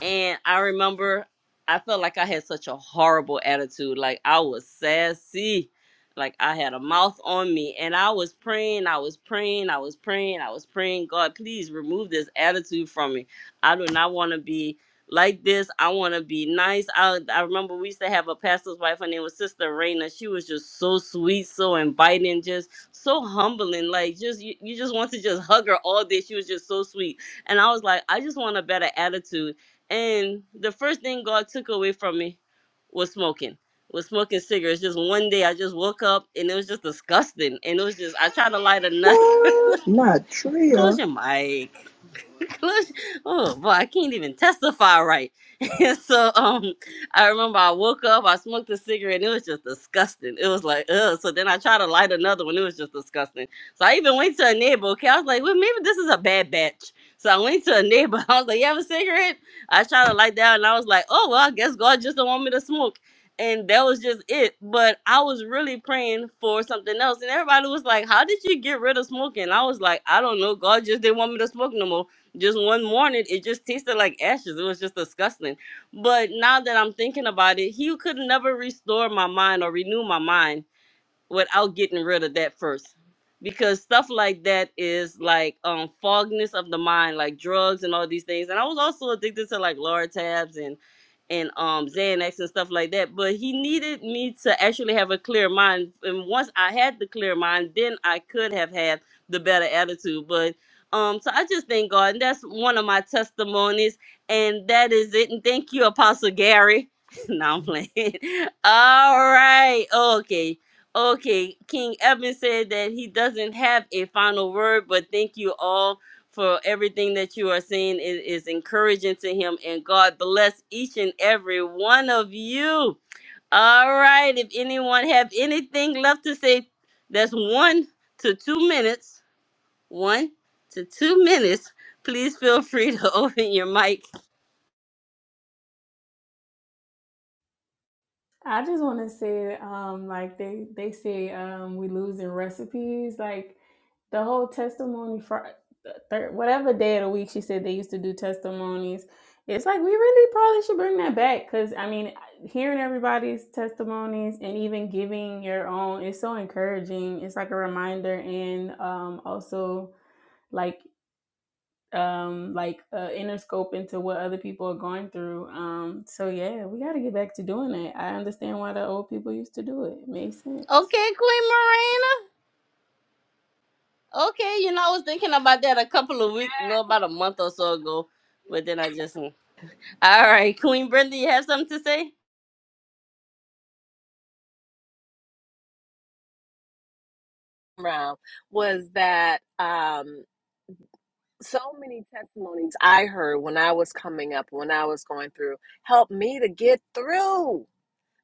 Speaker 1: And I remember I felt like I had such a horrible attitude. Like I was sassy like I had a mouth on me and I was praying, I was praying, I was praying, I was praying, God, please remove this attitude from me. I do not want to be like this. I want to be nice. I, I remember we used to have a pastor's wife. Her name was Sister Raina. She was just so sweet, so inviting, just so humbling. Like just you, you just want to just hug her all day. She was just so sweet. And I was like, I just want a better attitude. And the first thing God took away from me was smoking was smoking cigarettes. Just one day, I just woke up and it was just disgusting. And it was just, I tried to light a nut.
Speaker 2: What? Not
Speaker 1: Close
Speaker 2: Tria.
Speaker 1: your mic conclusion. Oh boy, I can't even testify right. And so um I remember I woke up, I smoked a cigarette, and it was just disgusting. It was like, ugh. So then I tried to light another one, it was just disgusting. So I even went to a neighbor, okay. I was like, well, maybe this is a bad batch. So I went to a neighbor, I was like, You have a cigarette? I tried to light that and I was like, Oh well, I guess God just don't want me to smoke. And that was just it. But I was really praying for something else. And everybody was like, How did you get rid of smoking? I was like, I don't know. God just didn't want me to smoke no more just one morning it just tasted like ashes it was just disgusting but now that i'm thinking about it he could never restore my mind or renew my mind without getting rid of that first because stuff like that is like um fogness of the mind like drugs and all these things and i was also addicted to like lortabs and and um xanax and stuff like that but he needed me to actually have a clear mind and once i had the clear mind then i could have had the better attitude but um so i just thank god and that's one of my testimonies and that is it and thank you apostle gary no i'm playing all right okay Okay, King Evan said that he doesn't have a final word, but thank you all for everything that you are saying. It is encouraging to him, and God bless each and every one of you. All right, if anyone have anything left to say, that's one to two minutes. One to two minutes. Please feel free to open your mic.
Speaker 6: I just want to say, um, like they they say, um, we losing recipes. Like the whole testimony for third, whatever day of the week she said they used to do testimonies. It's like we really probably should bring that back because I mean, hearing everybody's testimonies and even giving your own is so encouraging. It's like a reminder and um, also like um like uh inner scope into what other people are going through um so yeah we got to get back to doing that i understand why the old people used to do it, it makes sense
Speaker 1: Okay, Queen Marina. Okay, you know I was thinking about that a couple of weeks, no, about a month or so ago, but then I just. mm, All right, Queen Brenda, you have something to say?
Speaker 9: Round was that. Um, so many testimonies I heard when I was coming up, when I was going through, helped me to get through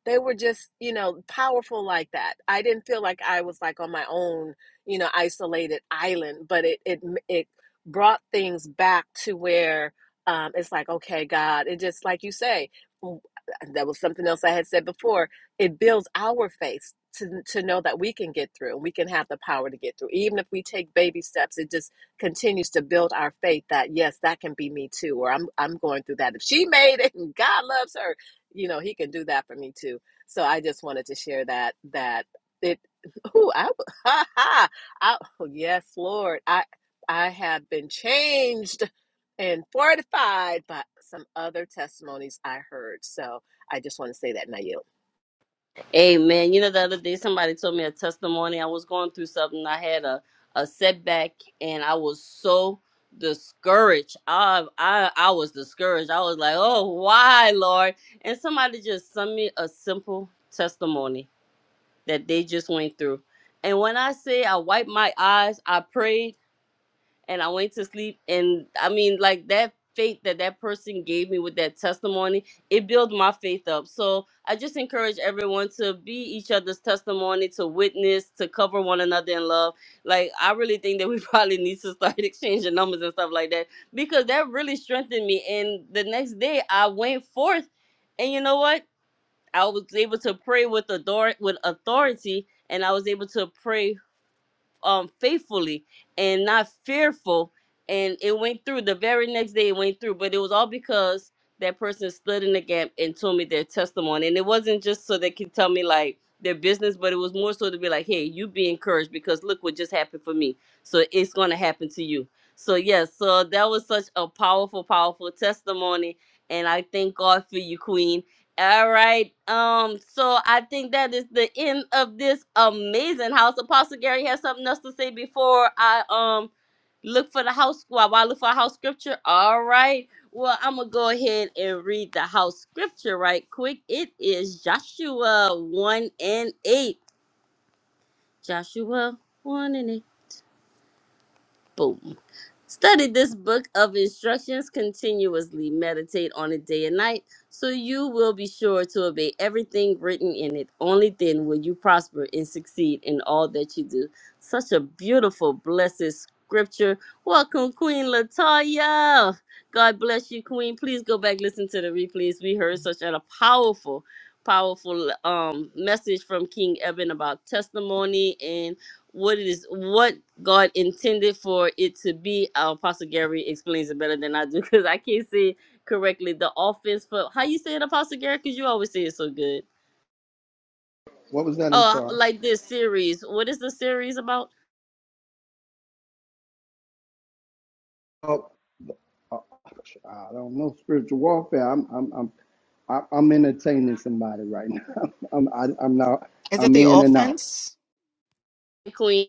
Speaker 9: they were just you know powerful like that i didn't feel like i was like on my own you know isolated island but it it it brought things back to where um it's like okay god it just like you say that was something else i had said before it builds our faith to, to know that we can get through we can have the power to get through even if we take baby steps it just continues to build our faith that yes that can be me too or i'm i'm going through that if she made it and god loves her you know, he can do that for me too. So I just wanted to share that that it ooh, I, ha, ha, I oh, yes, Lord. I I have been changed and fortified by some other testimonies I heard. So I just want to say that now.
Speaker 1: Amen. You know, the other day somebody told me a testimony. I was going through something. I had a, a setback, and I was so discouraged. I, I I was discouraged. I was like, "Oh, why, Lord?" And somebody just sent me a simple testimony that they just went through. And when I say I wiped my eyes, I prayed, and I went to sleep. And I mean, like that faith that that person gave me with that testimony, it built my faith up. So I just encourage everyone to be each other's testimony, to witness, to cover one another in love. Like, I really think that we probably need to start exchanging numbers and stuff like that because that really strengthened me. And the next day, I went forth, and you know what? I was able to pray with author- with authority, and I was able to pray um faithfully and not fearful and it went through the very next day it went through but it was all because that person stood in the gap and told me their testimony and it wasn't just so they could tell me like their business but it was more so to be like hey you be encouraged because look what just happened for me so it's going to happen to you so yes so that was such a powerful powerful testimony and i thank god for you queen all right. Um, so I think that is the end of this amazing house. Apostle Gary has something else to say before I um look for the house squad. While I look for a house scripture. All right. Well, I'm gonna go ahead and read the house scripture right quick. It is Joshua 1 and 8. Joshua 1 and 8. Boom. Study this book of instructions continuously. Meditate on it day and night, so you will be sure to obey everything written in it. Only then will you prosper and succeed in all that you do. Such a beautiful, blessed scripture. Welcome, Queen Latoya. God bless you, Queen. Please go back listen to the replays. We heard such a powerful, powerful um message from King Eben about testimony and what it is what God intended for it to be. Our Apostle Gary explains it better than I do because I can't say it correctly. The offense for how you say it, Apostle Gary, because you always say it so good.
Speaker 2: What was that? I'm
Speaker 1: Oh,
Speaker 2: sorry.
Speaker 1: like this series. What is the series about?
Speaker 2: Oh, oh, I don't know spiritual warfare. I'm, I'm, I'm, I- I'm entertaining somebody right now. I'm, I, I'm not.
Speaker 3: Is it
Speaker 2: I'm
Speaker 3: the
Speaker 2: in and out.
Speaker 3: offense?
Speaker 1: Queen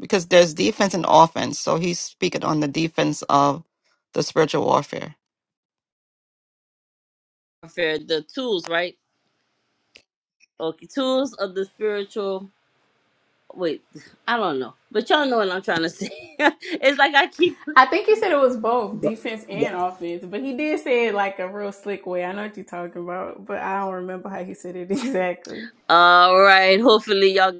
Speaker 3: Because there's defense and offense. So he's speaking on the defense of the spiritual warfare.
Speaker 1: warfare, the tools, right? Okay, tools of the spiritual. Wait, I don't know, but y'all know what I'm trying to say. it's like I keep.
Speaker 6: i think he said it was both
Speaker 2: The-
Speaker 6: defense
Speaker 2: the-
Speaker 6: and offense but he did say it like a real slick way i know what you're talking about but i don't remember how he said it exactly
Speaker 1: All right, hopefully y'all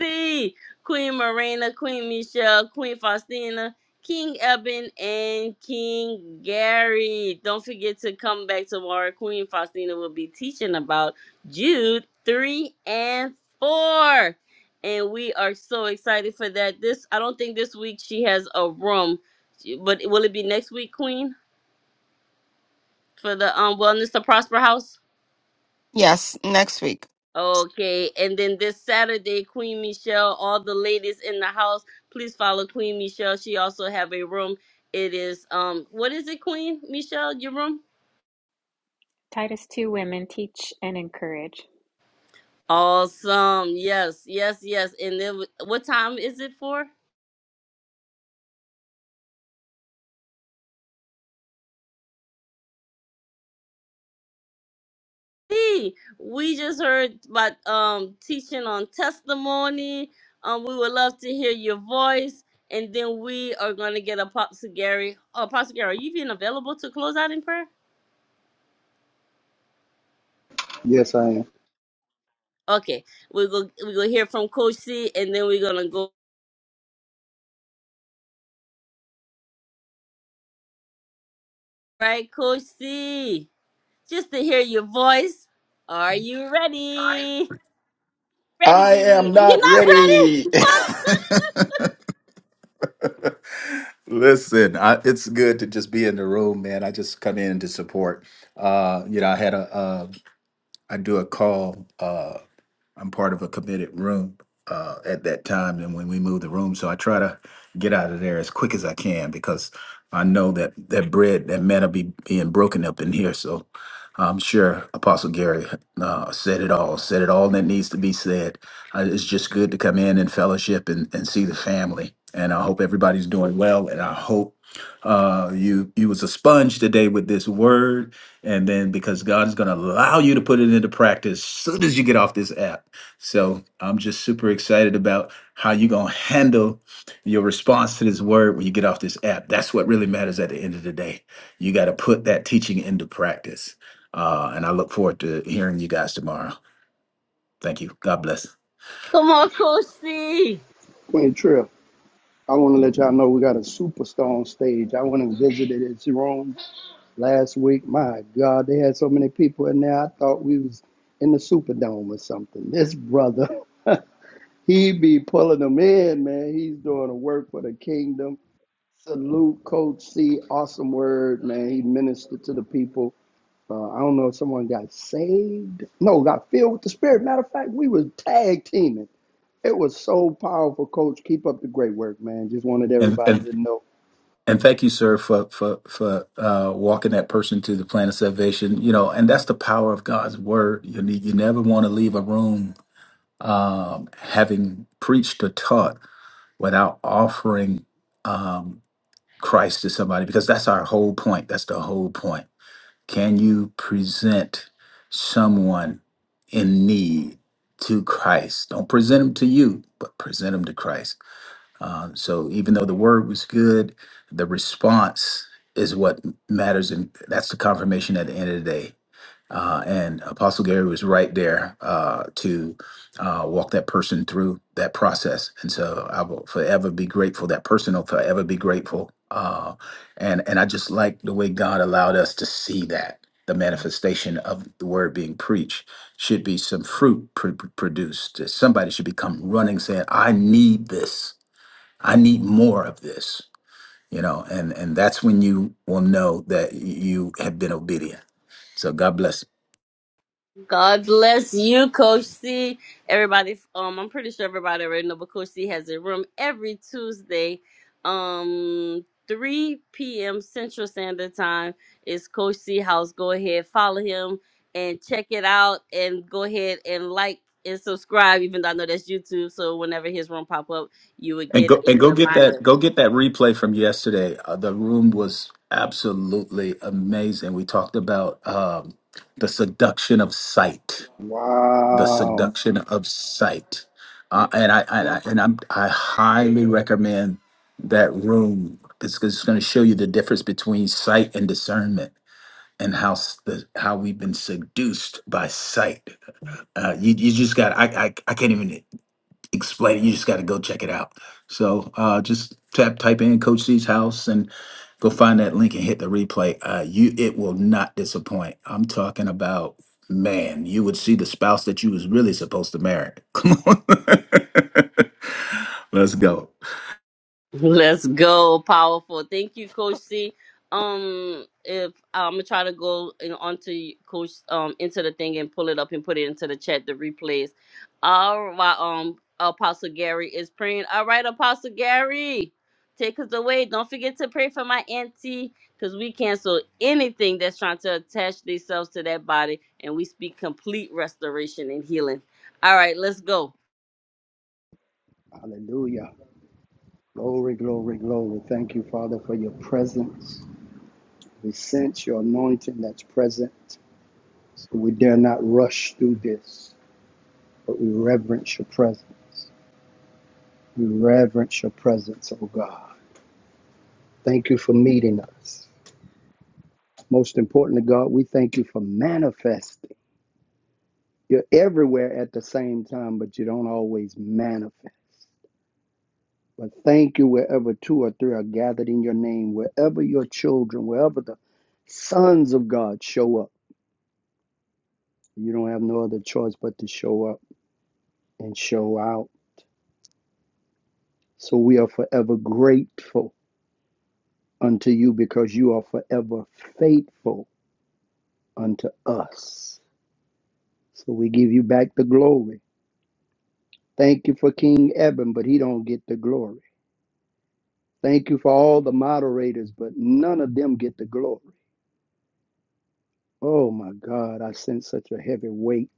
Speaker 1: C. Queen Marina, Queen Michelle, Queen Faustina, King Eben, and King Gary. Don't forget to come back tomorrow. Queen Faustina will be teaching about Jude 3 and 4. And we are so excited for that. This I don't think this week she has a room. But will it be next week, Queen? For the um Wellness to Prosper House?
Speaker 3: Yes, next week.
Speaker 1: Okay, and then this Saturday, Queen Michelle, all the ladies in the house, please follow Queen Michelle. She also have a room. It is um, what is it, Queen Michelle? Your room?
Speaker 5: Titus 2 Women teach and encourage.
Speaker 1: Awesome. Yes, yes, yes. And then wh- what time is it for? Hey, we just heard about um teaching on testimony. Um, we would love to hear your voice. And then we are gonna get Apostle Gary. Oh, Apostle Gary, are you even available to close out in prayer?
Speaker 2: yes, I am.
Speaker 1: Okay, we go we go hear from Coach C, and then we're gonna go right, Coach C, just to hear your voice. Are you ready?
Speaker 12: I
Speaker 1: Ready?
Speaker 12: am not
Speaker 1: You're not ready?
Speaker 12: ready.
Speaker 1: What?
Speaker 12: Listen, I, it's good to just be in the room, man. I just come in to support. Uh, you know, I had a, uh, I do a call. Uh, I'm part of a committed room uh, at that time. And when we move the room, so I try to get out of there as quick as I can because I know that that bread, that manna be being broken up in here. So I'm sure Apostle Gary uh, said it all, said it all that needs to be said. Uh, it's just good to come in and fellowship and, and see the family. And I hope everybody's doing well. And I hope uh, you you was a sponge today with this word and then because God is going to allow you to put it into practice soon as you get off this app. So I'm just super excited about how you're going to handle your response to this word when you get off this app. That's what really matters at the end of the day. You got to put that teaching into practice. Uh, and I look forward to hearing you guys tomorrow. Thank you. God bless.
Speaker 1: Come on, Coach C.
Speaker 2: Queen Trill. I want to let y'all know we got a superstar on stage. I want to visit it. It's wrong. last week. My God, they had so many people in there. I thought we was in the Superdome or something. This brother, he be pulling them in, man. He's doing a work for the kingdom. Salute, Coach C. Awesome word, man. He ministered to the people. Uh, I don't know if someone got saved. No, got filled with the Spirit. Matter of fact, we was tag teaming. It was so powerful, Coach. Keep up the great work, man. Just wanted
Speaker 12: And,
Speaker 2: everybody
Speaker 12: and
Speaker 2: to know.
Speaker 12: and thank you, sir, for for for uh, walking that person to the plan of salvation. You know, and that's the power of God's word. You need, you never want to leave a room um, having preached or taught without offering. um, Christ to somebody because that's our whole point. That's the whole point. Can you present someone in need to Christ? Don't present them to you, but present them to Christ. Uh, so even though the word was good, the response is what matters, and that's the confirmation at the end of the day. Uh, and Apostle Gary was right there uh, to uh, walk that person through that process. And so I will forever be grateful. That person will forever be grateful. Uh, and and I just like the way God allowed us to see that the manifestation of the word being preached should be some fruit pr- pr- produced. That Somebody should become running, saying, "I need this. I need more of this." You know, and and that's when you will know that you have been obedient. So God bless.
Speaker 1: God bless you, Coach C. Everybody, um, I'm pretty sure everybody already know, but Coach C has a room every Tuesday, um, 3 p.m. Central Standard Time. It's Coach C House. Go ahead, follow him and check it out, and go ahead and like and subscribe. Even though I know that's YouTube, so whenever his room pop up, you would
Speaker 12: And
Speaker 1: get
Speaker 12: go and
Speaker 1: a
Speaker 12: go get
Speaker 1: reminder.
Speaker 12: that go get that replay from yesterday. Uh, the room was absolutely amazing. We talked about um, the seduction of sight, the
Speaker 2: Wow.
Speaker 12: seduction of sight, uh, and I and I and I'm, I highly recommend that room because it's going to show you the difference between sight and discernment and how s- the, how we've been seduced by sight. Uh, you you just got I, I I can't even explain it. You just got to go check it out. So uh, just tap type in Coach C's house and go find that link and hit the replay. Uh, you it will not disappoint. I'm talking about man. You would see the spouse that you was really supposed to marry. Come on, let's go.
Speaker 1: Let's go, powerful. Thank you, Coach C. Um, if I'm gonna try to go in, onto Coach um into the thing and pull it up and put it into the chat, the replays. All right, um, Apostle Gary is praying. All right, Apostle Gary, take us away. Don't forget to pray for my auntie, cause we cancel anything that's trying to attach themselves to that body, and we speak complete restoration and healing. All right, let's go.
Speaker 2: Hallelujah. Glory, glory, glory. Thank you, Father, for your presence. We sense your anointing that's present. We dare not rush through this, but we reverence your presence. We reverence your presence, oh God. Thank you for meeting us. Most importantly, God, we thank you for manifesting. You're everywhere at the same time, but you don't always manifest. But thank you wherever two or three are gathered in your name, wherever your children, wherever the sons of God show up. You don't have no other choice but to show up and show out. So we are forever grateful unto you because you are forever faithful unto us. So we give you back the glory. Thank you for King Eben, but he don't get the glory. Thank you for all the moderators, but none of them get the glory. Oh my God, I sense such a heavy weight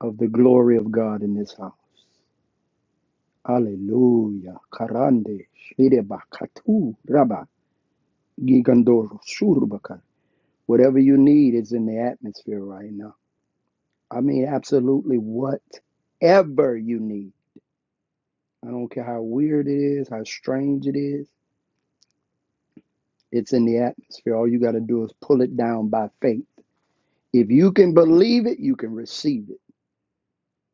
Speaker 2: of the glory of God in this house. Hallelujah. Karande, shire bakatu, Gigandoro, Shurubaka. Whatever you need is in the atmosphere right now. I mean, absolutely whatever you need. I don't care how weird it is, how strange it is, it's in the atmosphere. All you got to do is pull it down by faith. If you can believe it, you can receive it.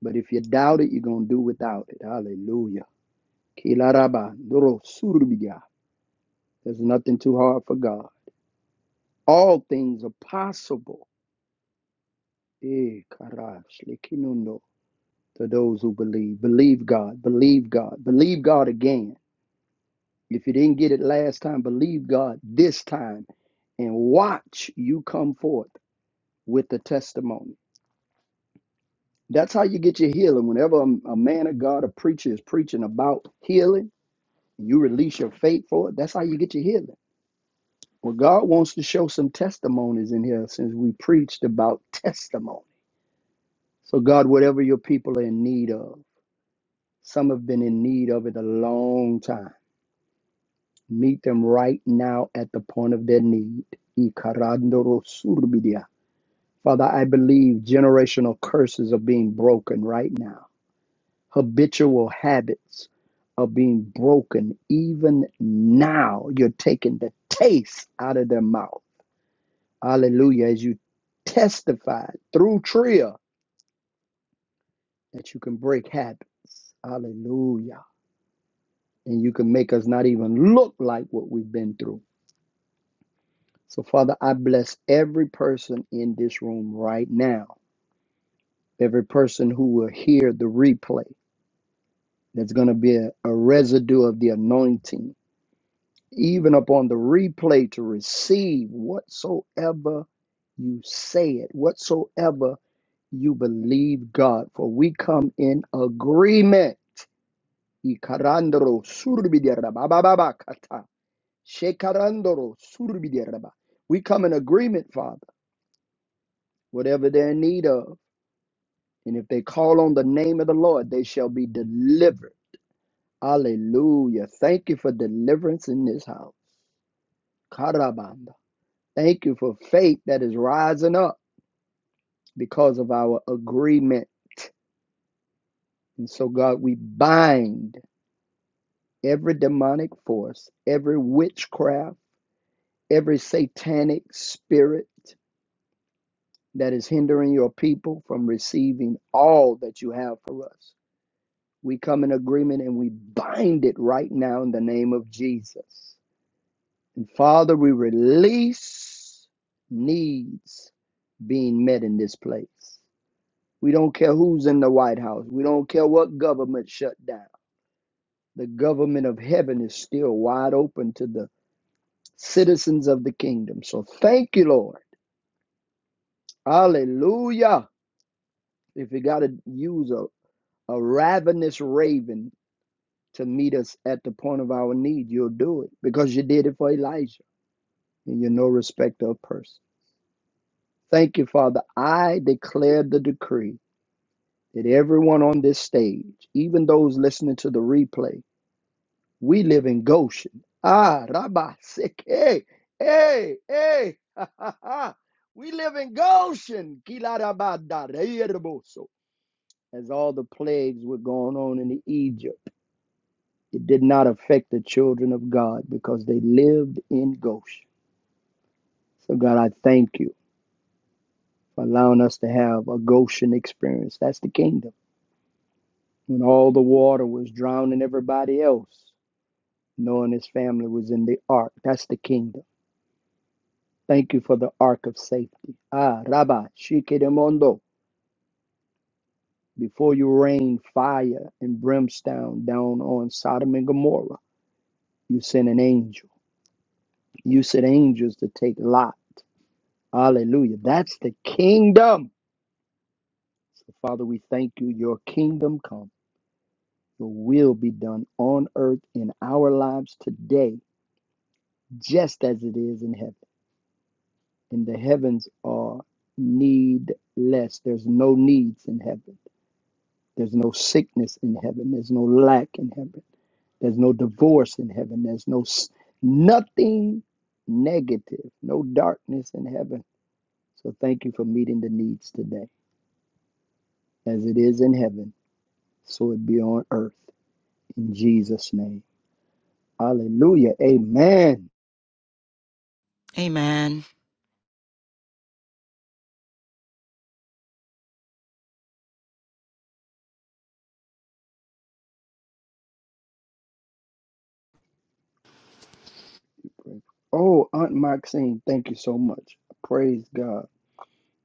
Speaker 2: But if you doubt it, you're going to do without it. Hallelujah. Kilaraba, Doro, Surubiga. There's nothing too hard for God. All things are possible. Eh, karash, likinundo. to those who believe. Believe God, believe God, believe God again. If you didn't get it last time, believe God this time and watch you come forth with the testimony. That's how you get your healing. Whenever a, a man of God, a preacher is preaching about healing, you release your faith for it. That's how you get your healing. Well, God wants to show some testimonies in here since we preached about testimony. So, God, whatever your people are in need of, some have been in need of it a long time. Meet them right now at the point of their need. Father, I believe generational curses are being broken right now. Habitual habits are being broken even now. You're taking the taste out of their mouth. Hallelujah. As you testify through Tria that you can break habits. Hallelujah. And you can make us not even look like what we've been through. So, Father, I bless every person in this room right now, every person who will hear the replay. There's going to be a, a residue of the anointing, even upon the replay, to receive whatsoever you say it, whatsoever you believe God. For we come in agreement. Ikarandoro surbidiyarabababakata. Shekarandoro surbidiyaraba. We come in agreement, Father, whatever they're in need of And if they call on the name of the Lord, they shall be delivered. Hallelujah. Thank you for deliverance in this house. Karabanda. Thank you for faith that is rising up because of our agreement. And so, God, we bind every demonic force, every witchcraft, every satanic spirit that is hindering your people from receiving all that you have for us. We come in agreement and we bind it right now in the name of Jesus. And Father, we release needs being met in this place. We don't care who's in the White House. We don't care what government shut down. The government of heaven is still wide open to the citizens of the kingdom. So thank you, Lord. Hallelujah. If you got to use a, a ravenous raven to meet us at the point of our need, you'll do it because you did it for Elijah and you're no respecter of person. Thank you, Father. I declare the decree that everyone on this stage, even those listening to the replay, we live in Goshen. Ah, Rabba, sick. Hey, hey, hey. Ha, ha, ha. we live in Goshen. Kila rabba da reerboso. As all the plagues were going on in Egypt, it did not affect the children of God because they lived in Goshen. So, God, I thank you for allowing us to have a Goshen experience. That's the kingdom. when all the water was drowning everybody else, knowing his family was in the ark. That's the kingdom. Thank you for the ark of safety. Ah, Rabba, Shikedemondo, before you rain fire and brimstone down on Sodom and Gomorrah, you sent an angel. You sent angels to take Lot. Hallelujah. That's the kingdom. So, Father, we thank you. Your kingdom come. Your will be done on earth in our lives today, just as it is in heaven. and the heavens are needless. There's no needs in heaven. There's no sickness in heaven. There's no lack in heaven. There's no divorce in heaven. There's no s- nothing negative, no darkness in heaven. So thank you for meeting the needs today. As it is in heaven, so it be on earth. In Jesus' name. Hallelujah. Amen.
Speaker 3: Amen.
Speaker 2: Oh, Aunt Maxine, thank you so much. Praise God.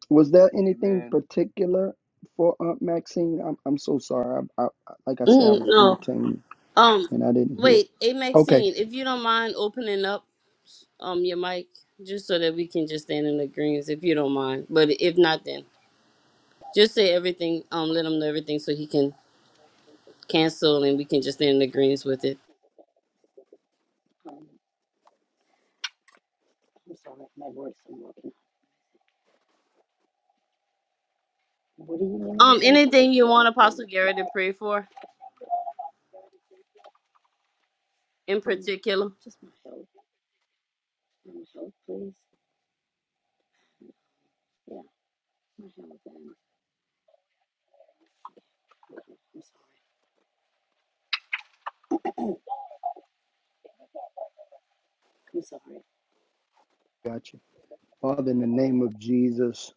Speaker 2: Was there anything
Speaker 10: Amen.
Speaker 2: particular for Aunt Maxine? I'm, I'm so sorry. I, I, I- like I said, I
Speaker 1: Mm,
Speaker 2: was
Speaker 1: no.
Speaker 2: entertaining
Speaker 1: Um,
Speaker 2: and I didn't hear.
Speaker 1: wait, hey
Speaker 2: Okay,
Speaker 1: Maxine, if you don't mind opening up um your mic, just so that we can just stand in the greens, if you don't mind. But if not, then just say everything. Um, let him know everything so he can cancel and we can just stand in the greens with it.
Speaker 8: Um, I'm sorry, my voice is working. What do you need me to
Speaker 1: Um,
Speaker 8: say? I'm sorry,
Speaker 1: anything you
Speaker 8: Trey. I
Speaker 1: want
Speaker 8: didn't hear
Speaker 1: Apostle
Speaker 8: you.
Speaker 1: Garrett to pray for in
Speaker 8: Um,
Speaker 1: particular?
Speaker 8: just my health. Um, health, please. Yeah, my health. I'm sorry. I'm sorry.
Speaker 2: gotcha. Father, in the name of Jesus,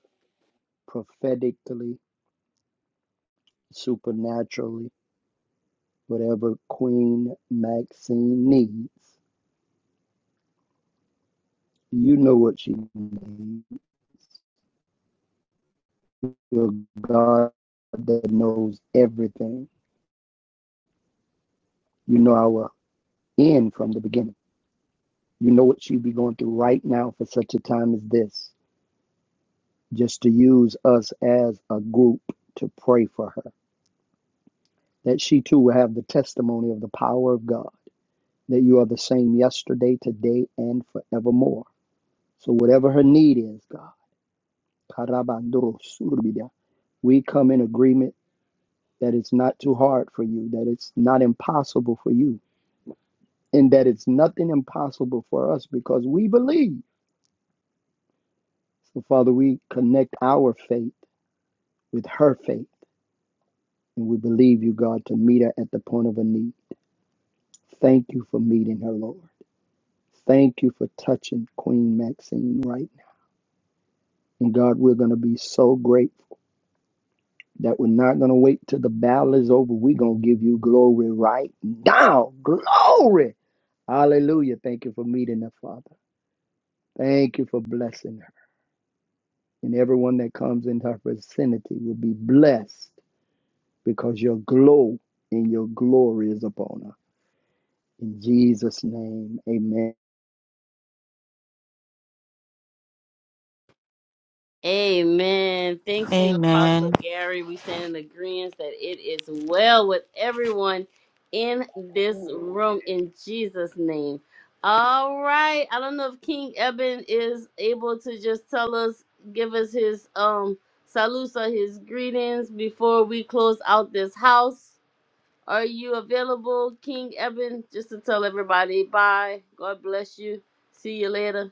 Speaker 2: prophetically, supernaturally, whatever Queen Maxine needs, you know what she needs. You're God that knows everything. You know our end from the beginning. You know what she be going through right now for such a time as this. just to use us as a group to pray for her, that she too will have the testimony of the power of God, that you are the same yesterday, today, and forevermore. So, whatever her need is, God, Karabandorosurbida, we come in agreement that it's not too hard for you, that it's not impossible for you, and that it's nothing impossible for us because we believe. So, Father, we connect our faith with her faith, and we believe you, God, to meet her at the point of a need. Thank you for meeting her, Lord. Thank you for touching Queen Maxine right now. And God, we're going to be so grateful that we're not going to wait till the battle is over. We're going to give you glory right now. Glory. Hallelujah. Thank you for meeting her, Father. Thank you for blessing her. And everyone that comes in her vicinity will be blessed because your glow and your glory is upon her. In Jesus' name, amen.
Speaker 1: Amen. Thank you, Apostle
Speaker 3: Amen.
Speaker 1: Gary. We stand in agreement that it is well with everyone in this room
Speaker 8: Amen.
Speaker 1: in Jesus' name. All right. I don't know if King Eben is able to just tell us, give us his um salutes or his greetings before we close out this house. Are you available, King Eben, just to tell everybody bye? God bless you. See you later.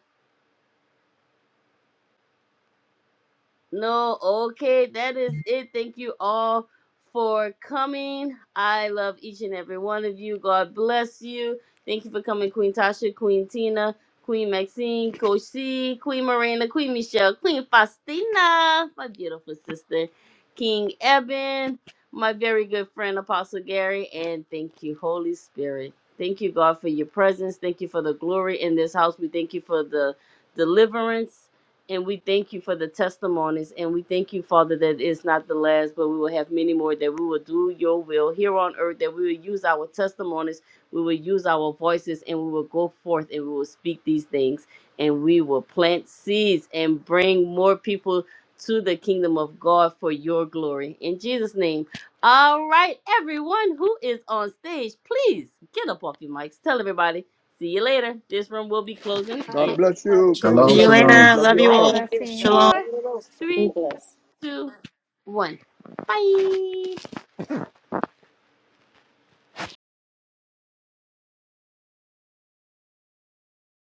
Speaker 1: No, okay, that is it. Thank you all for coming. I love each and every one of you. God bless you. Thank you for coming, Queen Tasha, Queen Tina, Queen Maxine, Coach C, Queen Miranda, Queen Michelle, Queen Faustina, my beautiful sister, King Eben, my very good friend, Apostle Gary, and thank you, Holy Spirit. Thank you, God, for your presence. Thank you for the glory in this house. We thank you for the deliverance. And we thank you for the testimonies. And we thank you, Father, that it's not the last, but we will have many more, that we will do your will here on earth, that we will use our testimonies, we will use our voices, and we will go forth and we will speak these things. And we will plant seeds and bring more people to the kingdom of God for your glory. In Jesus' name. All right, everyone who is on stage, please get up off your mics. Tell everybody. See you later. This room will be closing in
Speaker 2: God
Speaker 11: Hallelujah.
Speaker 2: bless you. Kingdom
Speaker 12: Shalom,
Speaker 3: See you
Speaker 11: God
Speaker 12: shalom.
Speaker 2: blessings.
Speaker 3: later.
Speaker 11: bless
Speaker 2: Love
Speaker 3: Love
Speaker 2: you
Speaker 11: you.
Speaker 3: you
Speaker 2: all.
Speaker 1: Five,
Speaker 3: all.
Speaker 11: Yes,
Speaker 5: Blessing.
Speaker 3: Shalom.
Speaker 1: four,
Speaker 8: Be
Speaker 1: three,
Speaker 8: blessed.
Speaker 1: two, one. Bye.